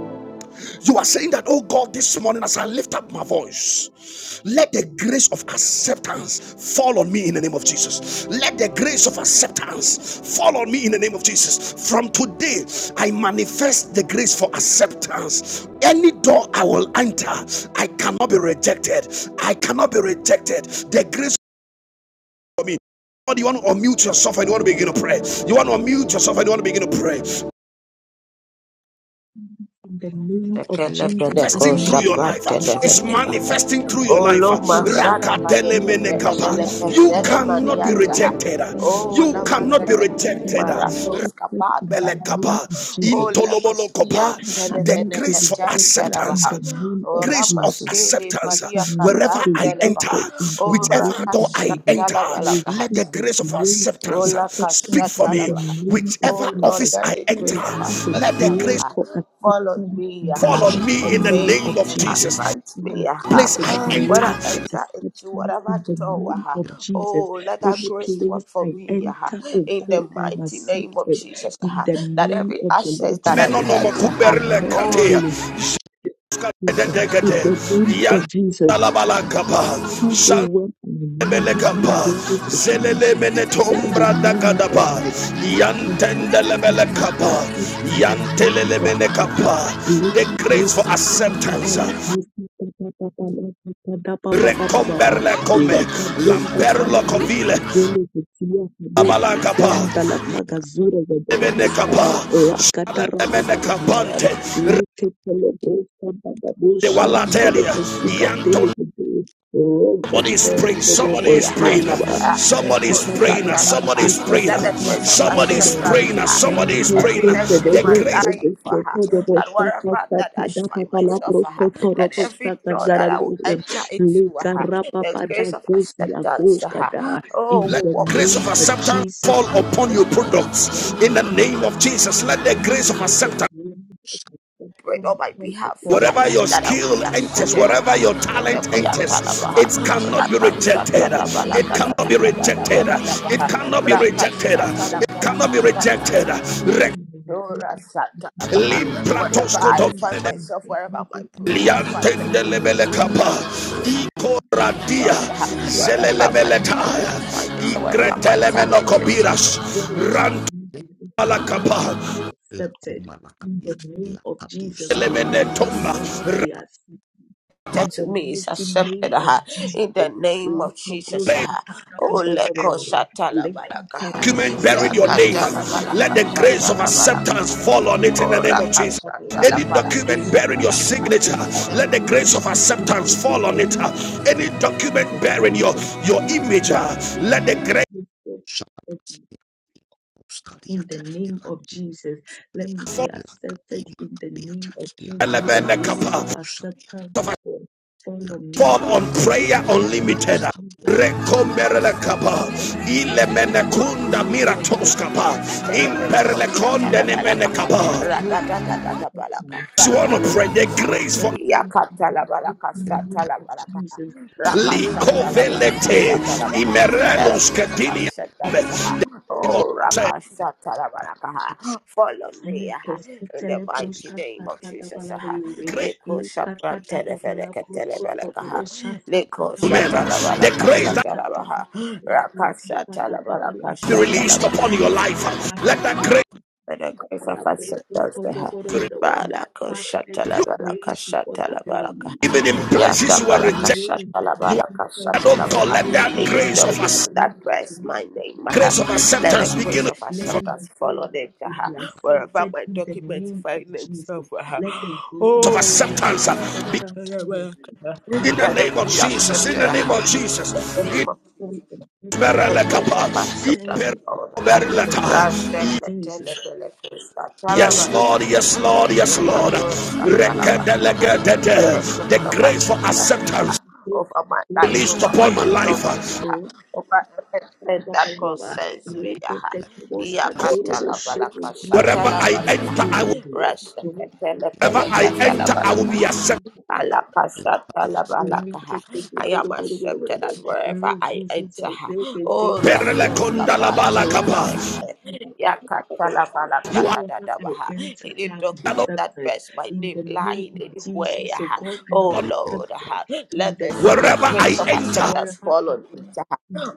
Speaker 1: You are saying that, oh God, this morning as I lift up my voice, let the grace of acceptance fall on me in the name of Jesus. Let the grace of acceptance fall on me in the name of Jesus. From today, I manifest the grace for acceptance. Any door I will enter, I cannot be rejected. I cannot be rejected. The grace for me. you want to unmute yourself and you want to begin to pray. You want to unmute yourself and you want to begin to pray.
Speaker 3: In the name of Jesus, I
Speaker 4: Ekelekeko
Speaker 1: manifesting through your
Speaker 3: receive
Speaker 1: life. uh,
Speaker 3: the
Speaker 1: It's
Speaker 3: glory of
Speaker 4: shaprantelevenekaha.
Speaker 3: the
Speaker 1: manifesting through
Speaker 3: Father.
Speaker 1: your life.
Speaker 4: Olo
Speaker 1: uh,
Speaker 3: Every work
Speaker 4: masada
Speaker 3: I do in the name
Speaker 4: vadeketeleleke
Speaker 3: of
Speaker 1: You
Speaker 3: Jesus,
Speaker 1: cannot be
Speaker 3: every
Speaker 4: sedemaniataha.
Speaker 3: day I
Speaker 1: rejected. uh,
Speaker 4: O
Speaker 3: find
Speaker 1: You
Speaker 3: myself
Speaker 4: lama
Speaker 1: cannot be
Speaker 4: zeketini
Speaker 3: I
Speaker 1: rejected.
Speaker 3: am
Speaker 1: uh,
Speaker 4: marasos
Speaker 3: accepted in the
Speaker 4: kapantelevaha.
Speaker 3: name
Speaker 1: Rabelekapa,
Speaker 3: of
Speaker 4: O
Speaker 3: Jesus.
Speaker 4: lama
Speaker 1: Intolomolokopa.
Speaker 3: We cannot
Speaker 1: The
Speaker 3: be
Speaker 1: grace for
Speaker 3: rejected in
Speaker 1: acceptance.
Speaker 4: skiantelefeneketendelevaha.
Speaker 1: uh,
Speaker 3: the name
Speaker 4: O
Speaker 3: of
Speaker 1: grace of
Speaker 3: Jesus.
Speaker 4: ramashili
Speaker 3: We
Speaker 1: acceptance uh,
Speaker 4: palia
Speaker 3: cannot
Speaker 1: wherever
Speaker 3: be
Speaker 1: I enter,
Speaker 4: katandelevaha.
Speaker 3: rejected in
Speaker 4: O
Speaker 3: the
Speaker 1: whichever
Speaker 3: name of
Speaker 1: door I
Speaker 3: Jesus.
Speaker 1: enter,
Speaker 3: I
Speaker 4: rakashatalabalakaha.
Speaker 1: let
Speaker 3: receive
Speaker 1: the
Speaker 3: the
Speaker 1: grace of
Speaker 3: grace for
Speaker 4: Oh,
Speaker 1: acceptance uh, speak
Speaker 3: acceptance
Speaker 1: for
Speaker 3: in
Speaker 1: me.
Speaker 3: the
Speaker 4: lakashatalabaha.
Speaker 3: name of
Speaker 4: Oh
Speaker 1: Whichever
Speaker 4: Lord,
Speaker 3: Jesus.
Speaker 1: office
Speaker 4: that
Speaker 1: I
Speaker 4: the
Speaker 3: I
Speaker 1: enter,
Speaker 4: grace of our
Speaker 3: receive the
Speaker 1: let the
Speaker 4: substance
Speaker 1: grace
Speaker 3: grace
Speaker 4: uh,
Speaker 3: for
Speaker 4: fall on
Speaker 3: acceptance
Speaker 4: me
Speaker 3: in the
Speaker 1: fall
Speaker 4: uh,
Speaker 1: on
Speaker 3: mighty
Speaker 1: me in
Speaker 4: and
Speaker 1: the
Speaker 3: name
Speaker 4: may
Speaker 3: of
Speaker 1: name
Speaker 4: it
Speaker 1: of
Speaker 3: Jesus.
Speaker 1: Jesus
Speaker 4: grant
Speaker 3: I
Speaker 4: me
Speaker 3: receive
Speaker 1: place
Speaker 3: the
Speaker 1: I
Speaker 4: uh, when I
Speaker 1: enter.
Speaker 3: grace for
Speaker 4: enter into
Speaker 3: acceptance
Speaker 4: whatever
Speaker 3: in the
Speaker 4: door.
Speaker 3: name
Speaker 4: Uh,
Speaker 3: of Jesus.
Speaker 4: oh, let that
Speaker 3: Any
Speaker 4: grace
Speaker 3: place
Speaker 4: work for
Speaker 3: I
Speaker 4: me uh,
Speaker 3: enter, oh
Speaker 4: in the
Speaker 3: God, I am
Speaker 4: mighty name of
Speaker 3: accepted
Speaker 4: Jesus.
Speaker 3: in
Speaker 4: Uh,
Speaker 3: the
Speaker 4: that
Speaker 3: name
Speaker 4: every
Speaker 3: of the Lord
Speaker 4: access that
Speaker 3: Jesus.
Speaker 4: I
Speaker 1: Menonomo
Speaker 4: get,
Speaker 3: You
Speaker 4: uh,
Speaker 3: can
Speaker 1: kuberile
Speaker 3: never
Speaker 4: oh,
Speaker 3: be
Speaker 1: katea.
Speaker 3: replaced
Speaker 1: Jiska
Speaker 3: in
Speaker 1: dedegede.
Speaker 3: the name of
Speaker 1: Yan-
Speaker 3: Jesus
Speaker 1: Alabalakaba,
Speaker 3: who grew up in the name of
Speaker 1: Shalebelekaba,
Speaker 3: many glorious is mentioned. All the
Speaker 1: Zelelemenetombra
Speaker 3: knowledge of
Speaker 1: Dagadaba,
Speaker 3: my God are accepted. I am
Speaker 1: Yantendelebelekaba,
Speaker 3: accepted in the name of Jesus.
Speaker 1: Yantelelemenekaba, the
Speaker 3: Little
Speaker 1: grace for
Speaker 3: prosa, pa, pa, pa,
Speaker 1: acceptance.
Speaker 3: la, prosa, pa, pa, pa, pa, la, pa, pa, da, pa, pa, pa, pa, pa, pa.
Speaker 1: Recomberle come,
Speaker 3: Lika brosa, da,
Speaker 1: Lamberlo
Speaker 3: la, yosha,
Speaker 1: covile,
Speaker 3: zele, kutia, kabosa,
Speaker 1: Abalakaba,
Speaker 3: zamda, la, faga, zura, za, da, da, bosha.
Speaker 1: Emenekaba,
Speaker 3: Rakata, ra, pa, pa, pa, pa, pa, pa.
Speaker 1: Shalemenekabante,
Speaker 3: Lite, pele, brosa, da, da,
Speaker 1: The
Speaker 3: bosha,
Speaker 1: wala tell
Speaker 3: dele,
Speaker 1: you,
Speaker 3: kesuka, dele,
Speaker 1: Yanton.
Speaker 3: kutu.
Speaker 1: Somebody is praying. Somebody
Speaker 4: Hallelujah.
Speaker 1: is praying.
Speaker 3: Rogobogobogosuakaba,
Speaker 1: Somebody is praying. Somebody is praying.
Speaker 4: Let the grace of
Speaker 1: Somebody
Speaker 3: rakatakapapalakosatsatadabadabada,
Speaker 1: is
Speaker 4: acceptance
Speaker 1: praying.
Speaker 4: ha,
Speaker 1: Somebody
Speaker 4: be
Speaker 1: is praying.
Speaker 4: evident in
Speaker 1: The
Speaker 4: my
Speaker 1: grace,
Speaker 4: life. ha. That wherever that I find myself, ha, that every door that I will
Speaker 3: rakatakapapalakosatsatadabadabada,
Speaker 4: enter into, ha, the grace of acceptance, ha,
Speaker 3: lekarapapadakusiakoskada.
Speaker 4: oh,
Speaker 3: In
Speaker 1: let
Speaker 4: will
Speaker 3: the
Speaker 1: the grace of
Speaker 3: name of
Speaker 1: acceptance
Speaker 3: Jesus,
Speaker 1: fall
Speaker 3: I
Speaker 1: upon your
Speaker 3: pray for the
Speaker 1: products
Speaker 3: grace
Speaker 1: in the
Speaker 3: of my
Speaker 1: name of
Speaker 3: acceptance.
Speaker 1: Jesus. Let the grace of
Speaker 3: Let the
Speaker 1: acceptance.
Speaker 3: grace of
Speaker 4: operate
Speaker 3: acceptance
Speaker 4: on my
Speaker 3: fall
Speaker 4: behalf,
Speaker 3: upon
Speaker 4: ha,
Speaker 1: Wherever
Speaker 3: me
Speaker 1: your
Speaker 4: that I will
Speaker 1: skill
Speaker 4: be
Speaker 1: enters,
Speaker 3: follow up
Speaker 4: accepted
Speaker 3: on upon
Speaker 1: wherever
Speaker 4: ha,
Speaker 1: your
Speaker 4: in the
Speaker 3: every
Speaker 1: talent
Speaker 3: I
Speaker 1: enters,
Speaker 3: idea.
Speaker 1: it
Speaker 4: Mayatalabaha.
Speaker 3: You
Speaker 1: cannot be
Speaker 3: pray
Speaker 1: rejected.
Speaker 3: in the name
Speaker 1: It
Speaker 3: of
Speaker 1: cannot be
Speaker 3: Jesus.
Speaker 1: rejected.
Speaker 3: I
Speaker 1: It
Speaker 3: cannot
Speaker 4: Rakashatalabalakadadadadadadadadabaha.
Speaker 1: cannot be
Speaker 3: reject it
Speaker 1: rejected.
Speaker 3: in the
Speaker 1: It
Speaker 3: name
Speaker 1: cannot be
Speaker 3: of Jesus.
Speaker 1: rejected.
Speaker 4: Rakashatalapalakashatalaba.
Speaker 3: Even in the
Speaker 4: Wherever
Speaker 3: relationship, you cannot be rejected.
Speaker 4: I
Speaker 1: Re-
Speaker 3: Even if
Speaker 4: find
Speaker 3: you
Speaker 4: myself, wherever my
Speaker 3: reject me to
Speaker 4: products
Speaker 3: his
Speaker 4: find
Speaker 1: liantende
Speaker 3: family,
Speaker 1: lebele
Speaker 3: his
Speaker 1: kapa
Speaker 3: friends, God, I cannot be
Speaker 1: ikoradia
Speaker 4: themselves,
Speaker 3: rejected in
Speaker 4: wherever
Speaker 3: the
Speaker 4: my
Speaker 3: name of
Speaker 1: zelelebeletaya
Speaker 4: products
Speaker 3: Jesus.
Speaker 4: find it, so wherever
Speaker 3: Even if
Speaker 4: my
Speaker 3: you
Speaker 4: talent
Speaker 3: reject
Speaker 4: is
Speaker 3: God,
Speaker 4: attracted
Speaker 1: igretelemenokobirash
Speaker 3: let me be
Speaker 1: rantuala kapa
Speaker 3: accepted in the name of Jesus, whether they know me
Speaker 1: elemenetomba
Speaker 3: or not, they
Speaker 1: rapa
Speaker 3: are in
Speaker 4: to
Speaker 3: the
Speaker 4: me is
Speaker 3: mighty name
Speaker 4: accepted
Speaker 3: of
Speaker 4: uh, in the
Speaker 3: Jesus.
Speaker 4: name of Jesus. uh, Oh, leko
Speaker 3: Lekaproskatatatabababa.
Speaker 4: shatala balaka, uh,
Speaker 1: document
Speaker 4: ya
Speaker 1: buried your name
Speaker 4: katala
Speaker 3: Lekatarabiskatatatabababa.
Speaker 1: let
Speaker 4: balaka
Speaker 1: the grace of
Speaker 4: shatala balaka,
Speaker 1: acceptance
Speaker 4: uh,
Speaker 1: fall on it in the
Speaker 4: oh
Speaker 1: name of
Speaker 4: raka
Speaker 1: jesus
Speaker 3: Lekatatatabababa.
Speaker 1: any
Speaker 4: shatala balaka
Speaker 1: document bearing your
Speaker 4: shatala
Speaker 3: Lekatatatabababa.
Speaker 1: signature,
Speaker 4: balaka.
Speaker 1: let the grace of acceptance fall on it. Any
Speaker 3: In
Speaker 1: document
Speaker 3: the
Speaker 1: bearing
Speaker 3: name
Speaker 1: your
Speaker 3: of
Speaker 1: your image, uh, let the grace
Speaker 3: Jesus, in the name of Jesus. Let me
Speaker 1: fall.
Speaker 3: be accepted in the
Speaker 2: kadia,
Speaker 3: name of Jesus.
Speaker 2: lakum,
Speaker 3: The
Speaker 1: on
Speaker 3: grace of
Speaker 1: it.
Speaker 2: skabu shadia,
Speaker 3: acceptance
Speaker 1: Of
Speaker 3: will fall on me
Speaker 1: Form
Speaker 2: Gratima
Speaker 3: this
Speaker 1: on
Speaker 3: year
Speaker 2: casiata,
Speaker 1: prayer
Speaker 3: in the
Speaker 2: la
Speaker 3: name of
Speaker 1: unlimited.
Speaker 3: Jesus.
Speaker 2: tuscatia,
Speaker 1: Rekomberele kapa,
Speaker 3: In the
Speaker 1: ile
Speaker 3: name of the
Speaker 1: menekunda
Speaker 3: glorious
Speaker 1: miratos
Speaker 3: Lord,
Speaker 1: kapa,
Speaker 3: in the
Speaker 4: Telebeleko
Speaker 1: imperle
Speaker 3: mighty
Speaker 1: konde ne
Speaker 3: name of
Speaker 1: mene
Speaker 4: shatelebelekaha.
Speaker 3: Jesus,
Speaker 1: kapa.
Speaker 3: grace for
Speaker 4: Ratatatatatapalaka
Speaker 3: acceptance,
Speaker 1: You want to pray the
Speaker 3: grace for
Speaker 4: shatelebelekaha.
Speaker 1: grace for
Speaker 3: acceptance, in the
Speaker 4: Yakatalabalaka
Speaker 3: mighty
Speaker 2: era
Speaker 3: name of
Speaker 4: shatelebelekaha.
Speaker 3: Jesus,
Speaker 2: tapuscatia,
Speaker 4: Raka
Speaker 3: grace,
Speaker 1: liko
Speaker 3: Lord, for
Speaker 4: shatalabalaka
Speaker 1: velete,
Speaker 3: acceptance,
Speaker 4: shatalabaha. Let the
Speaker 1: imerelus
Speaker 4: grace of our
Speaker 1: kadinia. The
Speaker 4: shatelebelekaha. Oh, Raka
Speaker 2: era
Speaker 4: shatalabalakaha.
Speaker 2: tuscatia,
Speaker 4: Follow me aha. in the
Speaker 3: Nekesele
Speaker 4: mighty
Speaker 2: era
Speaker 3: bruska
Speaker 4: name of
Speaker 3: sata da
Speaker 4: Jesus.
Speaker 3: bala
Speaker 4: aha.
Speaker 3: bebe.
Speaker 1: grace
Speaker 4: Leko
Speaker 3: Likata da bala brusko to o
Speaker 4: shaprantelebelekaha.
Speaker 3: shasa sata
Speaker 4: Leko
Speaker 3: da bala.
Speaker 4: shatalabalaka
Speaker 1: that
Speaker 3: Likata da
Speaker 4: shatalabaha.
Speaker 3: bala
Speaker 4: Raka
Speaker 3: brusko sata da
Speaker 4: shatalabalaka
Speaker 3: bala
Speaker 1: be
Speaker 3: koshi
Speaker 1: released
Speaker 4: shatalabaha.
Speaker 1: upon
Speaker 3: sata
Speaker 1: your
Speaker 3: da
Speaker 1: life.
Speaker 3: bala.
Speaker 1: Let that grace
Speaker 4: But the
Speaker 3: Father,
Speaker 4: grace of
Speaker 3: let
Speaker 4: our Savior,
Speaker 1: be released
Speaker 4: Baraka
Speaker 3: that
Speaker 4: Shatala Baraka
Speaker 3: grace and water
Speaker 4: Shatala
Speaker 3: be
Speaker 4: Baraka
Speaker 3: renewed
Speaker 1: even in
Speaker 3: for my life.
Speaker 1: places
Speaker 4: Yata
Speaker 1: you were
Speaker 4: Baraka
Speaker 1: rejected.
Speaker 3: Grace and
Speaker 4: Shatala
Speaker 1: You
Speaker 4: Baraka
Speaker 3: consistent
Speaker 1: are,
Speaker 3: in
Speaker 1: oh
Speaker 4: Shatala
Speaker 3: the
Speaker 1: God,
Speaker 4: Baha.
Speaker 1: let
Speaker 3: name of
Speaker 1: that
Speaker 4: They the
Speaker 1: grace of,
Speaker 3: Jesus.
Speaker 4: document
Speaker 1: ac-
Speaker 4: that
Speaker 3: Let
Speaker 4: bears
Speaker 3: grace
Speaker 4: my name.
Speaker 3: be
Speaker 4: Maha.
Speaker 1: grace of
Speaker 3: Accepted
Speaker 4: Let
Speaker 3: of
Speaker 4: the
Speaker 1: acceptance
Speaker 3: God,
Speaker 4: grace
Speaker 1: begin
Speaker 4: of our
Speaker 3: let me be
Speaker 4: chapters
Speaker 3: called
Speaker 4: follow them.
Speaker 3: and be
Speaker 4: Jaha. Wherever
Speaker 3: accepted
Speaker 4: my
Speaker 3: in the
Speaker 4: documents
Speaker 3: name of
Speaker 4: find
Speaker 3: Jesus.
Speaker 4: themselves. Maha.
Speaker 3: Let the grace,
Speaker 1: of
Speaker 4: Oh,
Speaker 3: Father, of
Speaker 1: acceptance uh,
Speaker 3: acceptance
Speaker 4: Baraka
Speaker 3: come
Speaker 4: Shatala
Speaker 3: upon
Speaker 4: Baraka.
Speaker 3: me.
Speaker 1: in
Speaker 3: in
Speaker 1: the
Speaker 4: let
Speaker 3: the
Speaker 4: them
Speaker 1: name of
Speaker 4: be
Speaker 3: mighty
Speaker 1: Jesus. In
Speaker 3: name
Speaker 1: the
Speaker 4: accepted.
Speaker 1: name
Speaker 3: of
Speaker 4: Aha
Speaker 1: of
Speaker 3: Jesus.
Speaker 1: Jesus.
Speaker 3: Let it fall on
Speaker 4: the
Speaker 3: everything
Speaker 4: proof
Speaker 3: that
Speaker 4: of our substance
Speaker 3: concerns me
Speaker 4: over her.
Speaker 3: in the name
Speaker 4: Rasa
Speaker 3: of Jesus.
Speaker 4: katele tele kusa
Speaker 1: Yes,
Speaker 3: Ole
Speaker 1: Lord,
Speaker 4: talabalakaha.
Speaker 3: kata
Speaker 1: yes,
Speaker 3: da
Speaker 1: Lord,
Speaker 3: da da
Speaker 1: yes,
Speaker 3: la
Speaker 1: Lord.
Speaker 3: kwe kwe kwe
Speaker 4: Likatosa talabalakaha.
Speaker 3: kwe kwe
Speaker 4: The
Speaker 3: kwe
Speaker 4: grace
Speaker 1: The
Speaker 4: of our
Speaker 1: grace for
Speaker 4: substance
Speaker 1: acceptance
Speaker 3: kwe kwe kwe
Speaker 4: over my
Speaker 3: kwe
Speaker 4: life,
Speaker 3: kwe
Speaker 1: released
Speaker 4: over
Speaker 1: upon
Speaker 4: my
Speaker 1: my
Speaker 3: kwe kwe
Speaker 1: life. uh.
Speaker 4: belongings, aha.
Speaker 3: kwe.
Speaker 4: over
Speaker 3: Wherever I enter, I am accepted.
Speaker 4: everything that concerns me. aha. Yakatalabalakasha
Speaker 1: Wherever I enter,
Speaker 4: talabalakaha.
Speaker 1: I will
Speaker 4: Rasa katele
Speaker 1: wherever
Speaker 4: tele
Speaker 1: I enter, I will be
Speaker 4: katalabala.
Speaker 1: accepted.
Speaker 4: Alakasata I am accepted and wherever I enter. ha. Oh, Rasus Kapan Telefelekhe.
Speaker 1: You are
Speaker 4: Yakatalapalakadadadabaha. Any
Speaker 1: the Lord.
Speaker 4: document that bears my
Speaker 3: In
Speaker 4: name
Speaker 3: the name
Speaker 4: lying
Speaker 3: of
Speaker 4: anywhere.
Speaker 3: Jesus, oh
Speaker 4: ah,
Speaker 3: God, I am
Speaker 4: Oh, Lord,
Speaker 3: accepted.
Speaker 4: ha.
Speaker 3: In
Speaker 4: let
Speaker 3: the
Speaker 4: the
Speaker 3: name
Speaker 1: Wherever
Speaker 4: spirit,
Speaker 3: of
Speaker 1: I
Speaker 4: grace of
Speaker 3: Jesus,
Speaker 1: enter,
Speaker 4: acceptance
Speaker 3: wherever I
Speaker 4: fall
Speaker 3: am
Speaker 4: on me.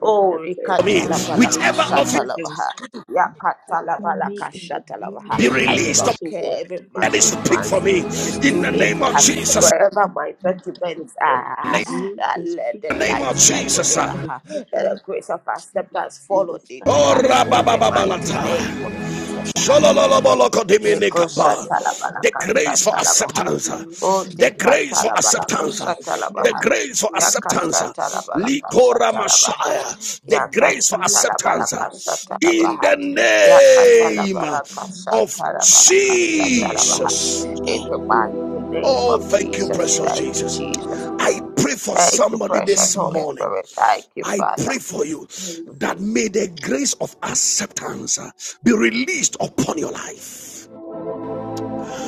Speaker 4: Oh,
Speaker 1: me,
Speaker 3: Lord, his
Speaker 4: rikatalabalaka
Speaker 1: whichever office
Speaker 3: daughters and sons
Speaker 4: shatalabaha.
Speaker 3: accepting me
Speaker 4: Yakatalabalaka
Speaker 3: in the name
Speaker 4: shatalabaha.
Speaker 1: be
Speaker 3: of
Speaker 4: I do
Speaker 1: released
Speaker 4: not
Speaker 3: Jesus, oh
Speaker 4: care
Speaker 3: God.
Speaker 4: every man,
Speaker 1: That
Speaker 3: His
Speaker 1: is
Speaker 4: if
Speaker 1: to pick
Speaker 4: man
Speaker 1: for
Speaker 3: son
Speaker 1: me
Speaker 4: says it is
Speaker 1: in
Speaker 4: too
Speaker 3: accepting
Speaker 1: the
Speaker 3: me
Speaker 4: late.
Speaker 1: name of
Speaker 4: uh,
Speaker 3: in the
Speaker 1: Jesus.
Speaker 3: name
Speaker 4: Wherever
Speaker 3: of
Speaker 4: my
Speaker 3: Jesus, oh
Speaker 4: documents
Speaker 3: God.
Speaker 1: In
Speaker 4: are,
Speaker 1: the
Speaker 3: Grace
Speaker 4: I
Speaker 3: is
Speaker 4: let the
Speaker 3: speaking
Speaker 1: name
Speaker 4: light
Speaker 1: of
Speaker 3: for
Speaker 4: shine
Speaker 3: me
Speaker 4: on
Speaker 1: Jesus.
Speaker 4: it.
Speaker 3: and it's
Speaker 4: ah. Let
Speaker 3: making me
Speaker 4: the grace of our step
Speaker 3: experience
Speaker 4: has
Speaker 3: in the
Speaker 4: followed it
Speaker 3: sight
Speaker 1: Oh,
Speaker 4: ah,
Speaker 3: of
Speaker 4: in
Speaker 3: God
Speaker 4: the
Speaker 3: of
Speaker 4: mighty
Speaker 3: my husband
Speaker 4: name of
Speaker 1: rabababalata.
Speaker 3: in
Speaker 4: Jesus. uh,
Speaker 3: the name of Jesus.
Speaker 4: Leko
Speaker 1: Shalalabalakadiminikaba.
Speaker 4: shatala
Speaker 1: The
Speaker 4: balaka
Speaker 1: grace for
Speaker 4: shatala
Speaker 3: They are
Speaker 4: baha.
Speaker 3: in
Speaker 4: O
Speaker 3: the
Speaker 1: acceptance, the
Speaker 4: de
Speaker 1: grace for
Speaker 4: katala balaka
Speaker 3: name of
Speaker 4: shatala
Speaker 1: acceptance, the
Speaker 4: baha.
Speaker 3: Jesus,
Speaker 1: grace for
Speaker 3: praying
Speaker 4: Yaka
Speaker 3: for
Speaker 4: shatala
Speaker 1: acceptance,
Speaker 3: us
Speaker 4: balaka
Speaker 1: Likora
Speaker 4: shatala baha.
Speaker 1: Messiah, the
Speaker 4: Yaka
Speaker 1: grace for
Speaker 3: Amen.
Speaker 4: shatala balaka
Speaker 1: acceptance
Speaker 4: shatala
Speaker 1: in the
Speaker 4: baha. Yaka tala
Speaker 1: name
Speaker 4: balaka
Speaker 1: of
Speaker 4: shatala balaka shatala baha.
Speaker 1: Jesus.
Speaker 4: In the mighty name
Speaker 1: Oh,
Speaker 4: of
Speaker 1: thank you,
Speaker 4: Jesus,
Speaker 1: precious
Speaker 4: thank you,
Speaker 1: Jesus.
Speaker 4: Jesus.
Speaker 1: I pray for
Speaker 4: Thank you,
Speaker 1: somebody
Speaker 4: precious
Speaker 1: this
Speaker 4: Holy
Speaker 1: morning.
Speaker 4: Spirit. Thank you,
Speaker 1: I
Speaker 4: Father.
Speaker 1: pray for you that may the grace of acceptance uh, be released upon your life.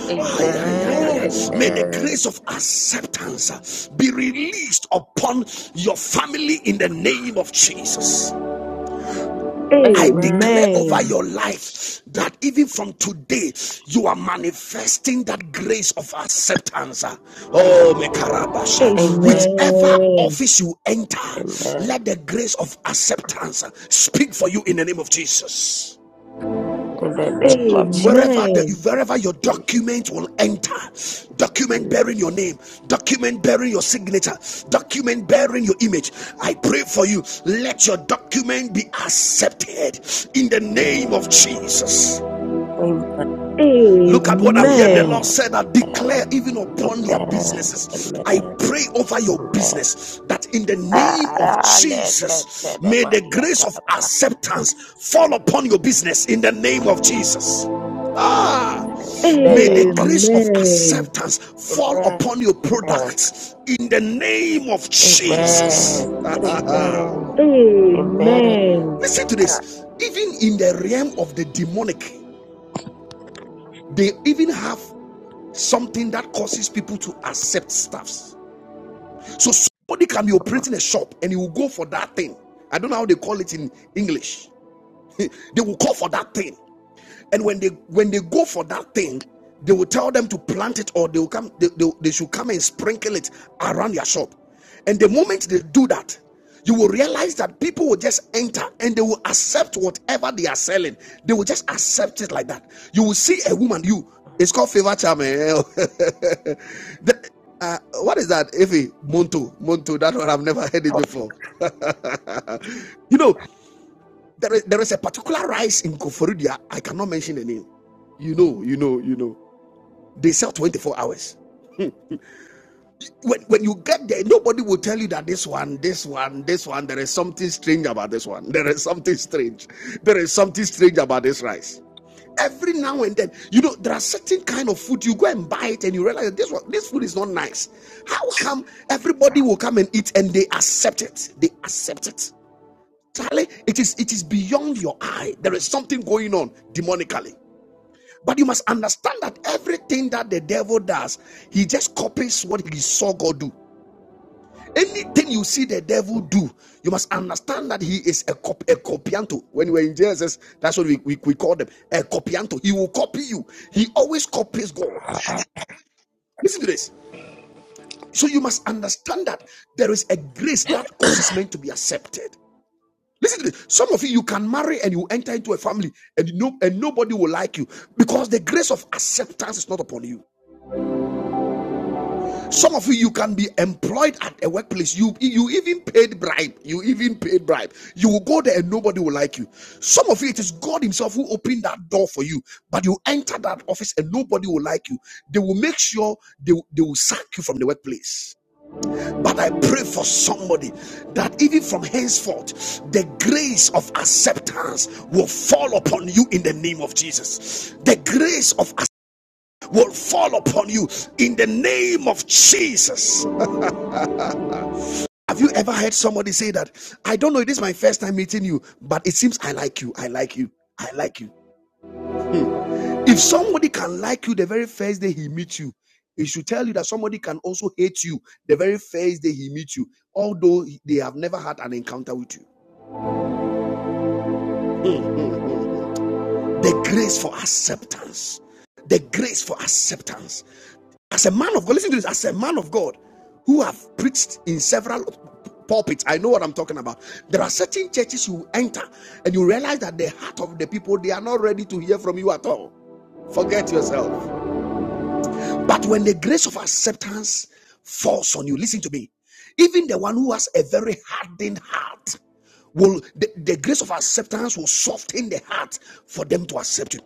Speaker 1: Ay, ay, ay, ay,
Speaker 3: Amen.
Speaker 1: ay. May the
Speaker 4: Amen.
Speaker 1: grace of acceptance uh, be released upon your family in the name of Jesus. I
Speaker 4: Amen.
Speaker 1: declare over
Speaker 4: Amen.
Speaker 3: Amen.
Speaker 1: your life that even from today, you are manifesting that grace of acceptance. Oh, Mekarabasha.
Speaker 4: Amen.
Speaker 1: Whichever office you enter,
Speaker 4: Amen.
Speaker 1: let the grace of acceptance speak for you in the name of Jesus
Speaker 4: In the name of
Speaker 1: wherever the
Speaker 3: Amen.
Speaker 1: wherever your
Speaker 4: Jesus.
Speaker 1: document will enter document bearing your name document bearing your signature document bearing your image i pray for you let your document be accepted in the name of jesus
Speaker 4: Amen.
Speaker 1: Look at what I'm hearing. The Lord
Speaker 4: Amen.
Speaker 1: said that declare even upon their
Speaker 4: Amen.
Speaker 1: businesses. I
Speaker 4: Amen.
Speaker 1: pray over your
Speaker 4: Amen.
Speaker 1: business that in the name of
Speaker 4: Ah, I look at
Speaker 1: Jesus,
Speaker 4: the
Speaker 1: may the
Speaker 4: body of
Speaker 1: grace of
Speaker 4: my
Speaker 1: acceptance fall upon your business in the name of Jesus. Ah,
Speaker 4: business. In the
Speaker 1: may the
Speaker 4: name of
Speaker 1: grace
Speaker 4: Jesus.
Speaker 1: of acceptance fall
Speaker 4: Amen.
Speaker 1: upon your
Speaker 4: Amen.
Speaker 1: products in the name of Jesus.
Speaker 4: Amen. Amen. Amen.
Speaker 3: Amen.
Speaker 1: Listen to this. Even in the realm of the demonic, they even have something that causes people to accept stuffs. So somebody can be operating a shop and he will go for that thing. I don't know how they call it in English. they will call for that thing and when they when they go for that thing they will tell them to plant it or they will come they, they, they should come and sprinkle it around your shop and the moment they do that you will realize that people will just enter and they will accept whatever they are selling they will just accept it like that you will see a woman you it's called favor charm The- uh, what is that Effie? monto monto that one i've never heard it before you know there is, there is a particular rice in Koforidua I cannot mention the name. You know, you know, you know. They sell 24 hours. When, when you get there, nobody will tell you that this one, this one, this one, there is something strange about this one. There is something strange. There is something strange about this rice. Every now and then, you know, there are certain kind of food you go and buy it and you realize this one, this food is not nice. How come everybody will come and eat and they accept it? They accept it. Charlie, it is it is beyond your eye. There is something going on demonically. But you must understand that everything that the devil does, he just copies what he saw God do. Anything you see the devil do, you must understand that he is a, cop- a copianto. When we we're in Jesus, that's what we, we, we call them a copianto. He will copy you. He always copies God. Listen to this. So you must understand that there is a grace that causes men to be accepted. Listen, to this. some of you you can marry and you enter into a family and no and nobody will like you because the grace of acceptance is not upon you. Some of you you can be employed at a workplace. You you even paid bribe. You even paid bribe. You will go there and nobody will like you. Some of you it is God Himself who opened that door for you, but you enter that office and nobody will like you. They will make sure they they will sack you from the workplace. But I pray for somebody that even from henceforth, the grace of acceptance will fall upon you in the name of Jesus. The grace of ac- will fall upon you in the name of Jesus. Have you ever heard somebody say that? I don't know, it is my first time meeting you, but it seems I like you. I like you. I like you. Hmm. If somebody can like you the very first day he meets you, it should tell you that somebody can also hate you the very first day he meets you, although they have never had an encounter with you. The grace for acceptance. The grace for acceptance. As a man of God, listen to this. As a man of God who have preached in several pulpits, I know what I'm talking about. There are certain churches you enter and you realize that the heart of the people, they are not ready to hear from you at all. Forget yourself. But when the grace of acceptance falls on you, listen to me. Even the one who has a very hardened heart will the, the grace of acceptance will soften the heart for them to accept you.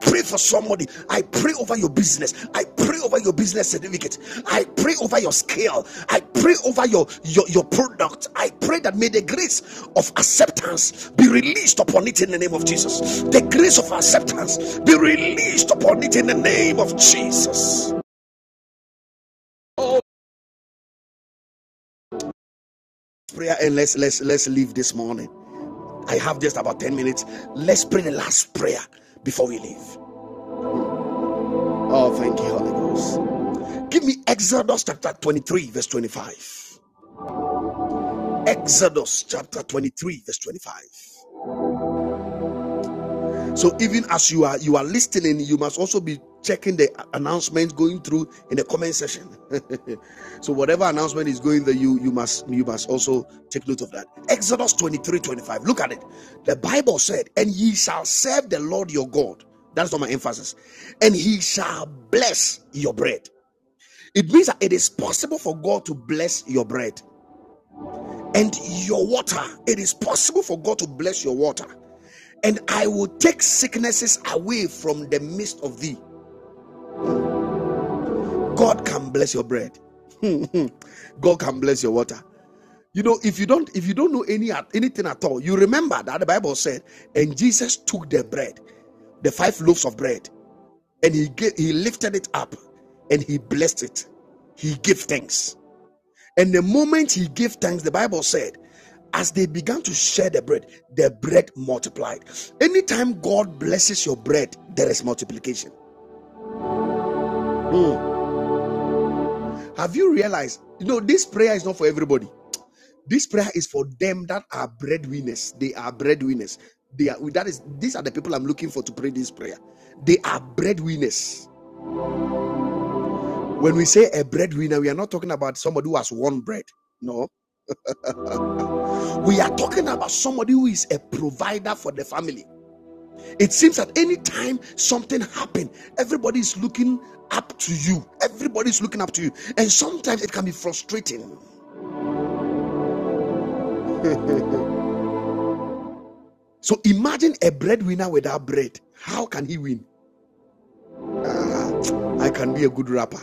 Speaker 1: Pray for somebody. I pray over your business. I pray over your business certificate. I pray over your scale. I pray over your, your, your product. I pray that may the grace of acceptance be released upon it in the name of Jesus. The grace of acceptance be released upon it in the name of Jesus. prayer and let's let's let's leave this morning. I have just about 10 minutes. Let's pray the last prayer before we leave. Oh, thank you, Holy Ghost. Give me Exodus chapter 23, verse 25. Exodus chapter 23, verse 25. So even as you are you are listening, you must also be checking the announcements going through in the comment section. so whatever announcement is going there, you you must you must also take note of that. Exodus 23 25. Look at it. The Bible said, And ye shall serve the Lord your God. That's not my emphasis. And he shall bless your bread. It means that it is possible for God to bless your bread and your water. It is possible for God to bless your water and I will take sicknesses away from the midst of thee. God can bless your bread. God can bless your water. You know, if you don't, if you don't know any anything at all, you remember that the Bible said, and Jesus took the bread, the five loaves of bread, and he gave, he lifted it up, and he blessed it. He gave thanks, and the moment he gave thanks, the Bible said, as they began to share the bread, the bread multiplied. Anytime God blesses your bread, there is multiplication. Mm. Have you realized? You know, this prayer is not for everybody. This prayer is for them that are breadwinners. They are breadwinners. They are that is these are the people I'm looking for to pray this prayer. They are breadwinners. When we say a breadwinner, we are not talking about somebody who has one bread. No, we are talking about somebody who is a provider for the family. It seems that any time something happens, everybody is looking up to you. Everybody is looking up to you, and sometimes it can be frustrating. So imagine a breadwinner without bread. How can he win? I can be a good rapper.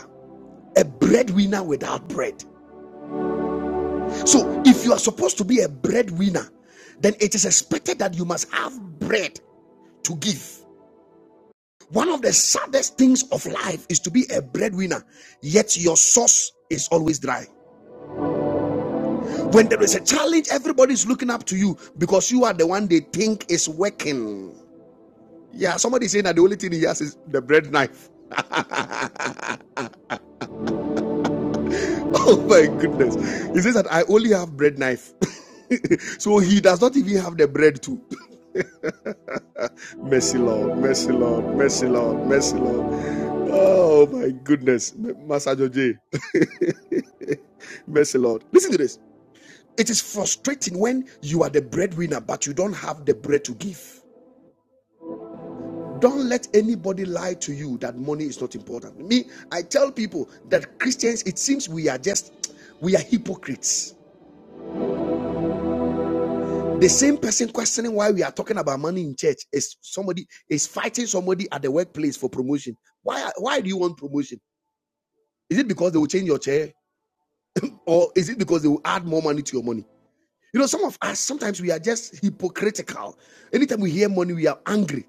Speaker 1: A breadwinner without bread. So if you are supposed to be a breadwinner, then it is expected that you must have bread to give. One of the saddest things of life is to be a breadwinner, yet your source is always dry. When there is a challenge, everybody is looking up to you because you are the one they think is working. Yeah, somebody is saying that the only thing he has is the bread knife. Oh my goodness. He says that I only have bread knife. so he does not even have the bread too. mercy Lord, mercy Lord, mercy Lord, mercy Lord. Oh my goodness. M- Master Joje. mercy Lord. Listen to this. It is frustrating when you are the breadwinner but you don't have the bread to give. Don't let anybody lie to you that money is not important. Me, I tell people that Christians, it seems we are just, we are hypocrites The same person questioning why we are talking about money in church is somebody is fighting somebody at the workplace for promotion. Why why do you want promotion? Is it because they will change your chair? Or is it because they will add more money to your money? You know, some of us sometimes we are just hypocritical. Anytime we hear money, we are angry.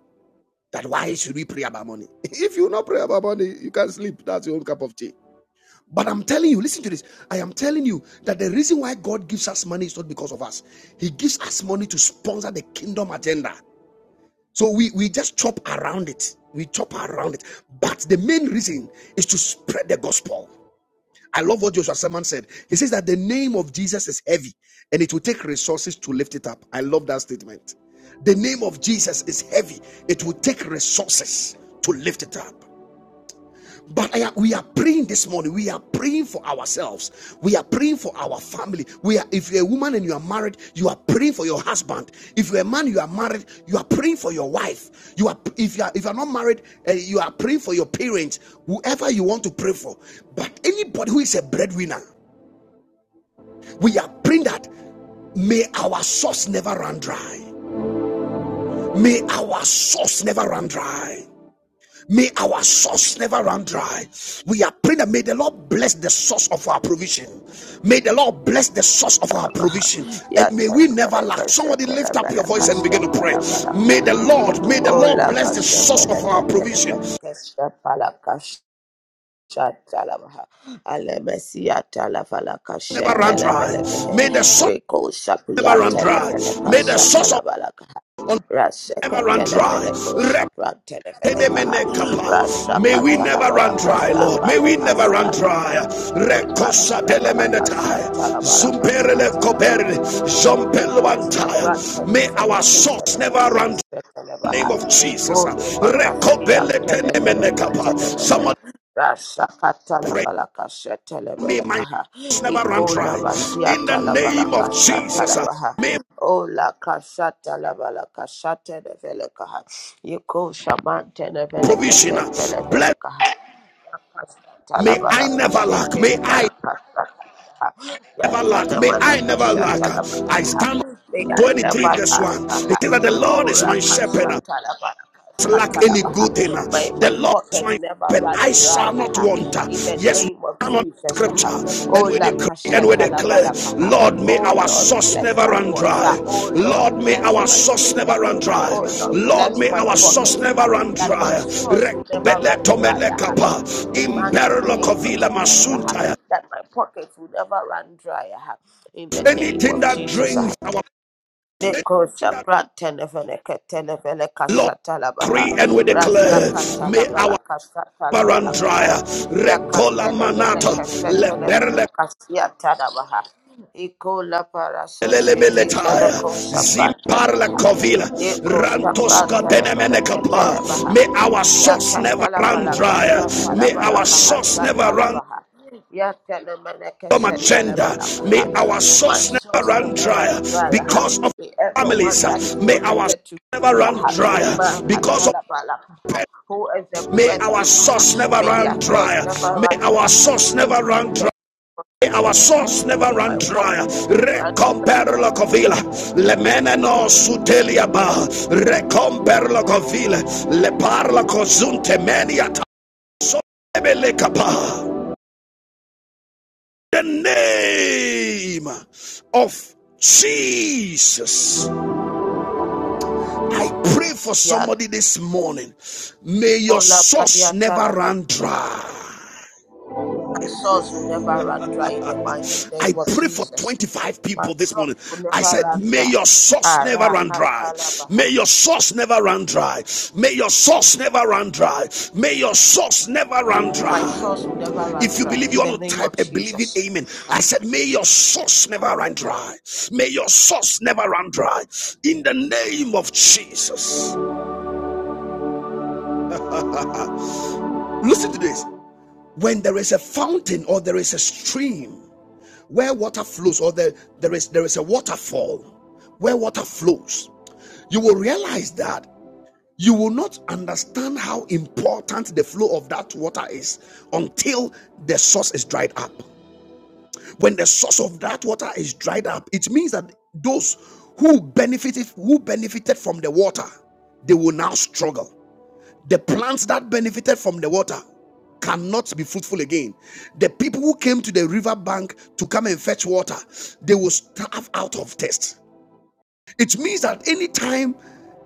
Speaker 1: That why should we pray about money? if you not pray about money, you can't sleep. That's your own cup of tea. But I'm telling you, listen to this. I am telling you that the reason why God gives us money is not because of us. He gives us money to sponsor the kingdom agenda. So we, we just chop around it. We chop around it. But the main reason is to spread the gospel. I love what Joshua Selman said. He says that the name of Jesus is heavy and it will take resources to lift it up. I love that statement. The name of Jesus is heavy, it will take resources to lift it up. But I, we are praying this morning. We are praying for ourselves. We are praying for our family. We are, if you're a woman and you are married, you are praying for your husband. If you're a man, you are married, you are praying for your wife. You are, if you are, if you are not married, eh, you are praying for your parents, whoever you want to pray for. But anybody who is a breadwinner, we are praying that may our source never run dry. May our source never run dry. May our source never run dry. We are praying that may the Lord bless the source of our provision. May the Lord bless the source of our provision and
Speaker 4: Ya
Speaker 1: may we
Speaker 4: chandra
Speaker 1: never lack.
Speaker 4: kasha
Speaker 1: Somebody
Speaker 4: tela
Speaker 1: lift up
Speaker 4: bala
Speaker 1: your voice and
Speaker 4: kasha
Speaker 1: begin to pray.
Speaker 4: tela bala
Speaker 1: May the
Speaker 4: kaha.
Speaker 1: Lord, may the Lord
Speaker 4: Ola
Speaker 1: bless the
Speaker 4: kasha
Speaker 1: source
Speaker 4: bala
Speaker 1: of our
Speaker 4: kasha tela
Speaker 1: provision.
Speaker 4: bala kasha bala Shatalabaha. Alemesia talavalaka
Speaker 1: Never run dry.
Speaker 4: shetelevelekahe.
Speaker 1: May the source
Speaker 4: Reko shapia
Speaker 1: never run dry.
Speaker 4: televeleka
Speaker 1: May the source of
Speaker 4: shatalabalaka. Rasheke
Speaker 1: never run
Speaker 4: televeleko
Speaker 1: dry.
Speaker 4: shapran televelekaha.
Speaker 1: Tedemenekapa. May
Speaker 4: Rashaka
Speaker 1: we never run
Speaker 4: talabalaka
Speaker 1: dry, Lord. May we
Speaker 4: shapaleka
Speaker 1: never run
Speaker 4: siataha.
Speaker 1: dry.
Speaker 4: Leka
Speaker 1: Rekosa
Speaker 4: talabalaka
Speaker 1: delemenetai.
Speaker 4: shatalabalaka
Speaker 1: Zumperele
Speaker 4: shatalabaha.
Speaker 1: koberele.
Speaker 4: Leko shapran
Speaker 1: Zompeluantai. May our
Speaker 4: televeleke
Speaker 1: source never
Speaker 4: televeleke
Speaker 1: run dry. In the
Speaker 4: shetelebaha.
Speaker 1: Name of Jesus.
Speaker 4: Ole makasian
Speaker 1: Rekobele
Speaker 4: televele
Speaker 1: tenemenekapa.
Speaker 4: katelevehe.
Speaker 1: Someone
Speaker 4: Rasha katala
Speaker 1: pray.
Speaker 4: balaka
Speaker 1: May
Speaker 4: shetelevele
Speaker 1: my
Speaker 4: kaha.
Speaker 1: source never run dry.
Speaker 4: Ikola masia
Speaker 1: In the
Speaker 4: talabala
Speaker 1: name of
Speaker 4: kasha
Speaker 1: Jesus.
Speaker 4: talabaha.
Speaker 1: May
Speaker 4: Ola kasha talabala kasha televele kaha. Iko shaman televele
Speaker 1: provision
Speaker 4: kete televele
Speaker 1: bless.
Speaker 4: kaha.
Speaker 1: May I
Speaker 4: Talabala
Speaker 1: never
Speaker 4: kashe
Speaker 1: lack. May I.
Speaker 4: televele
Speaker 1: never lack.
Speaker 4: Yatana
Speaker 1: May I
Speaker 4: manaka
Speaker 1: never lack.
Speaker 4: shatala
Speaker 1: I stand
Speaker 4: manaka.
Speaker 1: on
Speaker 4: Leanda
Speaker 1: 23 verse
Speaker 4: balaka
Speaker 1: 1. It
Speaker 4: ha.
Speaker 1: says that the Lord
Speaker 4: Oh,
Speaker 1: is my
Speaker 4: raka
Speaker 1: shepherd. I
Speaker 4: shatala manaka.
Speaker 1: shall lack
Speaker 4: shatala
Speaker 1: any
Speaker 4: baha.
Speaker 1: good thing.
Speaker 4: My my
Speaker 1: The Lord is
Speaker 4: pockets
Speaker 1: my
Speaker 4: never
Speaker 1: shepherd.
Speaker 4: run
Speaker 1: I
Speaker 4: dry
Speaker 1: shall not
Speaker 4: ha.
Speaker 1: want.
Speaker 4: in the
Speaker 1: Yes, we
Speaker 4: name of
Speaker 1: stand on
Speaker 4: Jesus. ha.
Speaker 1: scripture and
Speaker 4: Oh
Speaker 1: we decree
Speaker 4: laka
Speaker 1: and we
Speaker 4: shatala
Speaker 1: declare,
Speaker 4: ha.
Speaker 1: Lord, may
Speaker 4: Oh
Speaker 1: our
Speaker 4: Lord
Speaker 1: source
Speaker 4: bless
Speaker 1: never
Speaker 4: my
Speaker 1: run dry.
Speaker 4: water. Oh Lord
Speaker 1: Lord, may
Speaker 4: bless
Speaker 1: our
Speaker 4: my
Speaker 1: source
Speaker 4: food.
Speaker 1: never
Speaker 4: ha.
Speaker 1: run dry.
Speaker 4: Oh Lord
Speaker 1: Lord,
Speaker 4: bless
Speaker 1: may
Speaker 4: my
Speaker 1: our source
Speaker 4: pockets ha.
Speaker 1: never run
Speaker 4: that my
Speaker 1: dry.
Speaker 4: source will never run dry ha. in the mighty name of Jesus. Aha that my pockets will never run dry. I have in the name
Speaker 1: Anything
Speaker 4: of
Speaker 1: that
Speaker 4: Jesus. I
Speaker 1: drains
Speaker 4: have.
Speaker 1: our
Speaker 4: Neko shapran telefeleke telefeleka
Speaker 1: Lord,
Speaker 4: shatalabaha
Speaker 1: decree and we declare,
Speaker 4: rasaka
Speaker 1: may our
Speaker 4: talabalaka
Speaker 1: barren
Speaker 4: shatalabalakaha
Speaker 1: dryer recola manata
Speaker 4: yakatelefeleke
Speaker 1: leberle
Speaker 4: shatelefeleka siyatalabaha ikola parasoske
Speaker 1: lelemeletaya
Speaker 4: tefeleko shapran
Speaker 1: zimparle
Speaker 4: telebaha
Speaker 1: kovila.
Speaker 4: Yeko shapran
Speaker 1: rantoska
Speaker 4: telefeleke
Speaker 1: denemenekapa.
Speaker 4: telebaha
Speaker 1: May our source never run
Speaker 4: Yakatalabalaka
Speaker 1: dry. May our
Speaker 4: satalabalaka ha
Speaker 1: source never run
Speaker 4: satalabaha. Yatalamanaka
Speaker 1: from agenda.
Speaker 4: satalabalaka
Speaker 1: May
Speaker 4: ha.
Speaker 1: our
Speaker 4: May my
Speaker 1: source never
Speaker 4: source
Speaker 1: run
Speaker 4: never
Speaker 1: dry
Speaker 4: run dry ha.
Speaker 1: because of
Speaker 4: May
Speaker 1: families.
Speaker 4: everyone that is
Speaker 1: May our source
Speaker 4: connected to me
Speaker 1: never run
Speaker 4: ha.
Speaker 1: dry because
Speaker 4: Makatalabalaka ha.
Speaker 1: of
Speaker 4: Who is the
Speaker 1: May our
Speaker 4: breadwinner ha.
Speaker 1: source never
Speaker 4: May
Speaker 1: run
Speaker 4: their source
Speaker 1: dry.
Speaker 4: never
Speaker 1: May
Speaker 4: run
Speaker 1: our
Speaker 4: dry.
Speaker 1: source never run dry. May Our source never
Speaker 4: May
Speaker 1: run
Speaker 4: my pocket
Speaker 1: dry.
Speaker 4: run
Speaker 1: Recomperlo covila,
Speaker 4: dry.
Speaker 1: lemeneno sutelia ba. Recomperlo covila, leparlo parla cozunte menia ta- so- ebele The name of Jesus. I pray for somebody this morning. May your source never
Speaker 4: Yatolabaliatalabalaka.
Speaker 1: run dry.
Speaker 4: My source will never run dry in the mighty
Speaker 1: I
Speaker 4: name of
Speaker 1: pray for
Speaker 4: Jesus.
Speaker 1: 25
Speaker 4: My
Speaker 1: people this
Speaker 4: source
Speaker 1: morning.
Speaker 4: will
Speaker 1: I
Speaker 4: never
Speaker 1: said,
Speaker 4: run
Speaker 1: May
Speaker 4: dry.
Speaker 1: your source never run dry. May
Speaker 4: Arakatalabaha.
Speaker 1: your source never run dry. May your source never run dry. May your source never run
Speaker 4: My source
Speaker 1: dry.
Speaker 4: will never run
Speaker 1: If you
Speaker 4: dry
Speaker 1: believe you
Speaker 4: in the
Speaker 1: want to
Speaker 4: name of
Speaker 1: type a believing
Speaker 4: Jesus.
Speaker 1: amen, I said, May your source never run dry. May your source never run dry. In the name of Jesus. Listen to this. When there is a fountain or there is a stream, where water flows or there, there is there is a waterfall where water flows you will realize that you will not understand how important the flow of that water is until the source is dried up when the source of that water is dried up it means that those who benefited who benefited from the water they will now struggle the plants that benefited from the water cannot be fruitful again. The people who came to the river bank to come and fetch water, they will starve out of thirst. It means that anytime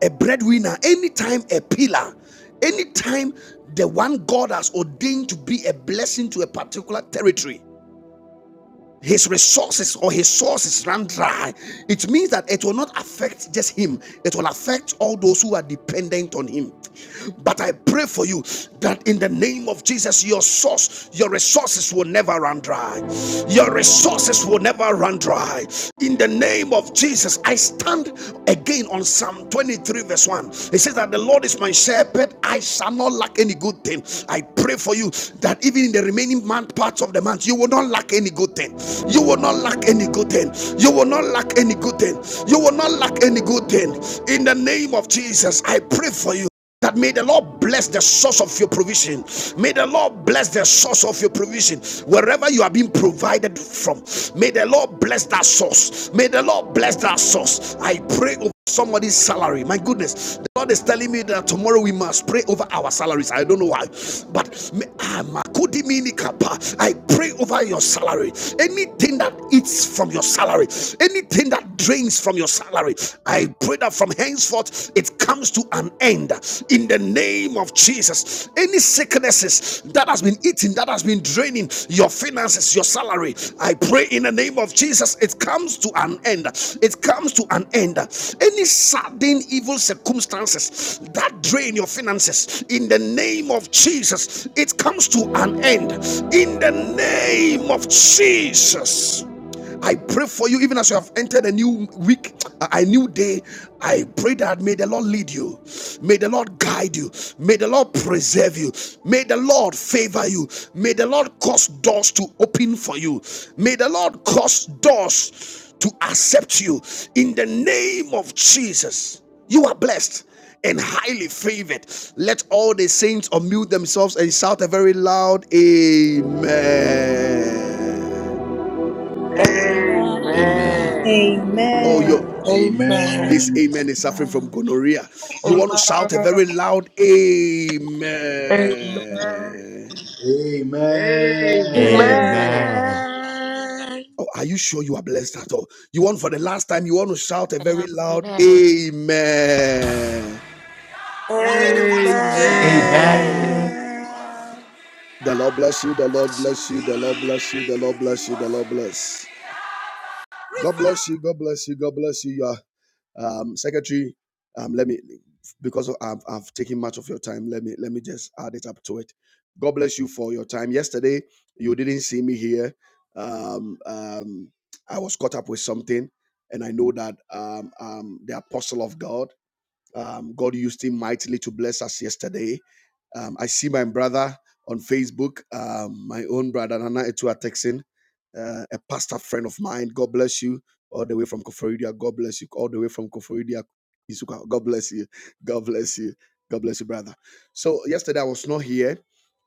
Speaker 1: a breadwinner, anytime a pillar, anytime the one God has ordained to be a blessing to a particular territory, his resources or his sources run dry, it means that it will not affect just him, it will affect all those who are dependent on him. But I pray for you that in the name of Jesus, your source, your resources will never run dry. Your resources will never run dry. In the name of Jesus, I stand again on Psalm 23, verse 1. It says that the Lord is my shepherd, I shall not lack any good thing. I pray for you that even in the remaining month, parts of the month, you will not lack any good thing. You will not lack any good thing. You will not lack any good thing. You will not lack any good thing. In the name of Jesus, I pray for you that may the Lord bless the source of your provision. May the Lord bless the source of your provision. Wherever you are being provided from, may the Lord bless that source. May the Lord bless that source. I pray over somebody's salary. My goodness, the Lord is telling me that tomorrow we must pray over our salaries. I don't know why, but I'm. Makudiminikapa. I pray over your salary. Anything that eats from your salary, anything that drains from your salary, I pray that from henceforth it comes to an end in the name of Jesus. Any sicknesses that has been eating, that has been draining your finances, your salary, I pray in the name of Jesus it comes to an end end. It comes to an end. Any sudden evil circumstances that drain your finances, in the name of Jesus, it comes to an end. In the name of Jesus. I pray for you, even as you have entered a new week, a a new day. I pray that may the Lord lead you, may the Lord guide you, may the Lord preserve you, may the Lord favor you, may the Lord cause doors to open for you, may the Lord cause doors to accept you in the name of Jesus. You are blessed and highly favored. Let all the saints unmute themselves and shout a very loud Amen.
Speaker 2: Amen.
Speaker 5: Amen.
Speaker 4: Amen.
Speaker 1: Oh, your
Speaker 6: Amen.
Speaker 4: Amen.
Speaker 1: this
Speaker 7: Amen.
Speaker 1: amen is suffering from gonorrhea. You
Speaker 4: Amen.
Speaker 1: want to shout a very
Speaker 4: Amen.
Speaker 1: loud
Speaker 4: Amen.
Speaker 1: Amen.
Speaker 7: Amen.
Speaker 5: Amen.
Speaker 2: Amen.
Speaker 4: Amen.
Speaker 1: Oh, are you sure you are blessed at all? You want for the last time, you want to shout a
Speaker 4: I
Speaker 1: very
Speaker 4: am
Speaker 1: loud
Speaker 4: blessed.
Speaker 1: Amen.
Speaker 2: A bag.
Speaker 5: Amen.
Speaker 8: Amen.
Speaker 6: Amen.
Speaker 4: Amen.
Speaker 1: The Lord bless you. The Lord bless you. The Lord bless you. The Lord bless you. The Lord bless. God bless you. God bless you. God bless you. Your um, secretary. Um, let me because of, I've, I've taken much of your time. Let me let me just add it up to it. God bless you for your time. Yesterday you didn't see me here. Um, um, I was caught up with something, and I know that um, um, the apostle of God. Um, God used him mightily to bless us yesterday. Um, I see my brother on Facebook, um, my own brother, Nana Etua Texan, uh, a pastor friend of mine. God bless you all the way from Koforidua. God bless you all the way from Koforidua. Isuka. God bless you. God bless you. God bless you, brother. So yesterday I was not here,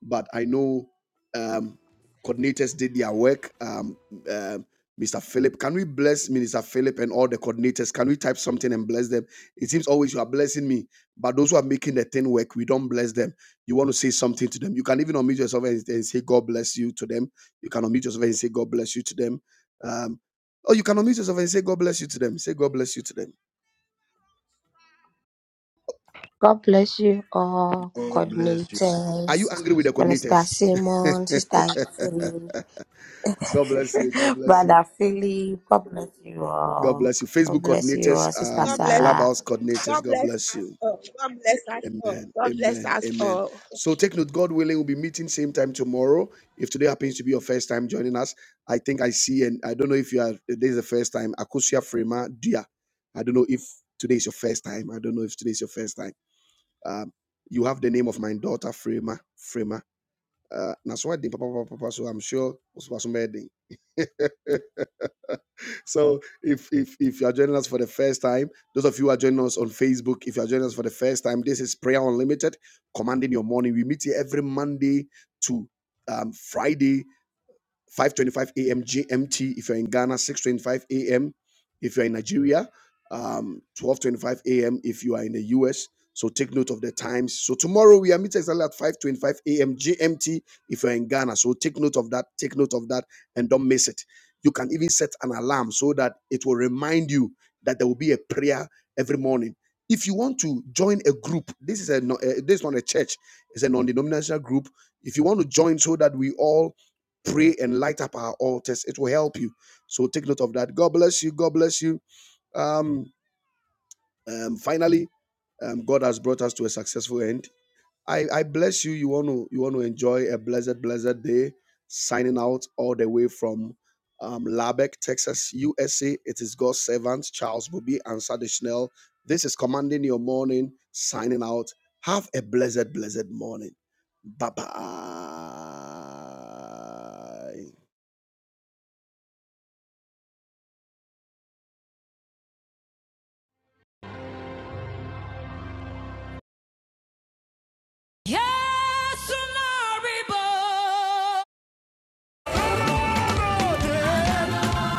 Speaker 1: but I know um, coordinators did their work. Um, um, Mr. Philip, can we bless Minister Philip and all the coordinators? Can we type something and bless them? It seems always you are blessing me, but those who are making the thing work, we don't bless them. You want to say something to them. You can even unmute yourself and, and say, God bless you to them. You can unmute yourself and say, God bless you to them. Um, or you can unmute yourself and say, God bless you to them. Say, God bless you to them.
Speaker 4: God bless you all,
Speaker 7: God bless
Speaker 1: Are you
Speaker 4: coordinators,
Speaker 1: angry
Speaker 7: you.
Speaker 1: with the
Speaker 4: Minister
Speaker 1: coordinators?
Speaker 4: Simon, Sister Ifuni,
Speaker 1: God bless you. God bless you.
Speaker 4: Brother Philip, God bless you
Speaker 1: God
Speaker 4: all.
Speaker 1: bless you.
Speaker 4: God
Speaker 1: Facebook
Speaker 4: bless you
Speaker 1: coordinators,
Speaker 4: all, Sister
Speaker 1: um,
Speaker 8: God bless.
Speaker 4: Sarah.
Speaker 1: clubhouse coordinators.
Speaker 8: God
Speaker 1: God
Speaker 8: bless
Speaker 1: bless
Speaker 8: us
Speaker 1: you.
Speaker 8: all. God bless us all.
Speaker 1: Amen.
Speaker 8: God bless
Speaker 1: Amen.
Speaker 8: us
Speaker 1: Amen.
Speaker 8: all.
Speaker 1: So take note, God willing, we'll be meeting same time tomorrow. If today happens to be your first time joining us, I think I see, and I don't know if you are this is the first time, Akusia Frema dear. I don't know if today is your first time. I don't know if today is your first time. Um, you have the name of my daughter, Frema. Frema. Uh, na so ade papa papa papa so I'm sure Osuma so ade. So if if if you are joining us for the first time, those of you who are joining us on Facebook, if you are joining us for the first time, this is Prayer Unlimited, commanding your morning. We meet here every Monday to um, Friday 5:25 a.m. GMT if you're in Ghana, 6:25 a.m. if you're in Nigeria, um, 12:25 a.m. if you are in the US. So take note of the times. So tomorrow we are meeting exactly at 5:25 a.m. GMT if you're in Ghana. So take note of that. Take note of that and don't miss it. You can even set an alarm so that it will remind you that there will be a prayer every morning. If you want to join a group, this is a, no- eh, this is not a church. It's a non-denominational group. If you want to join so that we all Pray and light up our altars. It will help you. So take note of that. God bless you. God bless you. Um, um, finally, um, God has brought us to a successful end. I, I bless you. You want to you want to enjoy a blessed, blessed day. Signing out all the way from um, Lubbock, Texas, USA. It is God's servant Charles Bobby and Sadi Schnell. This is commanding your morning. Signing out. Have a blessed, blessed morning. Bye bye. Yes, I'm not reborn.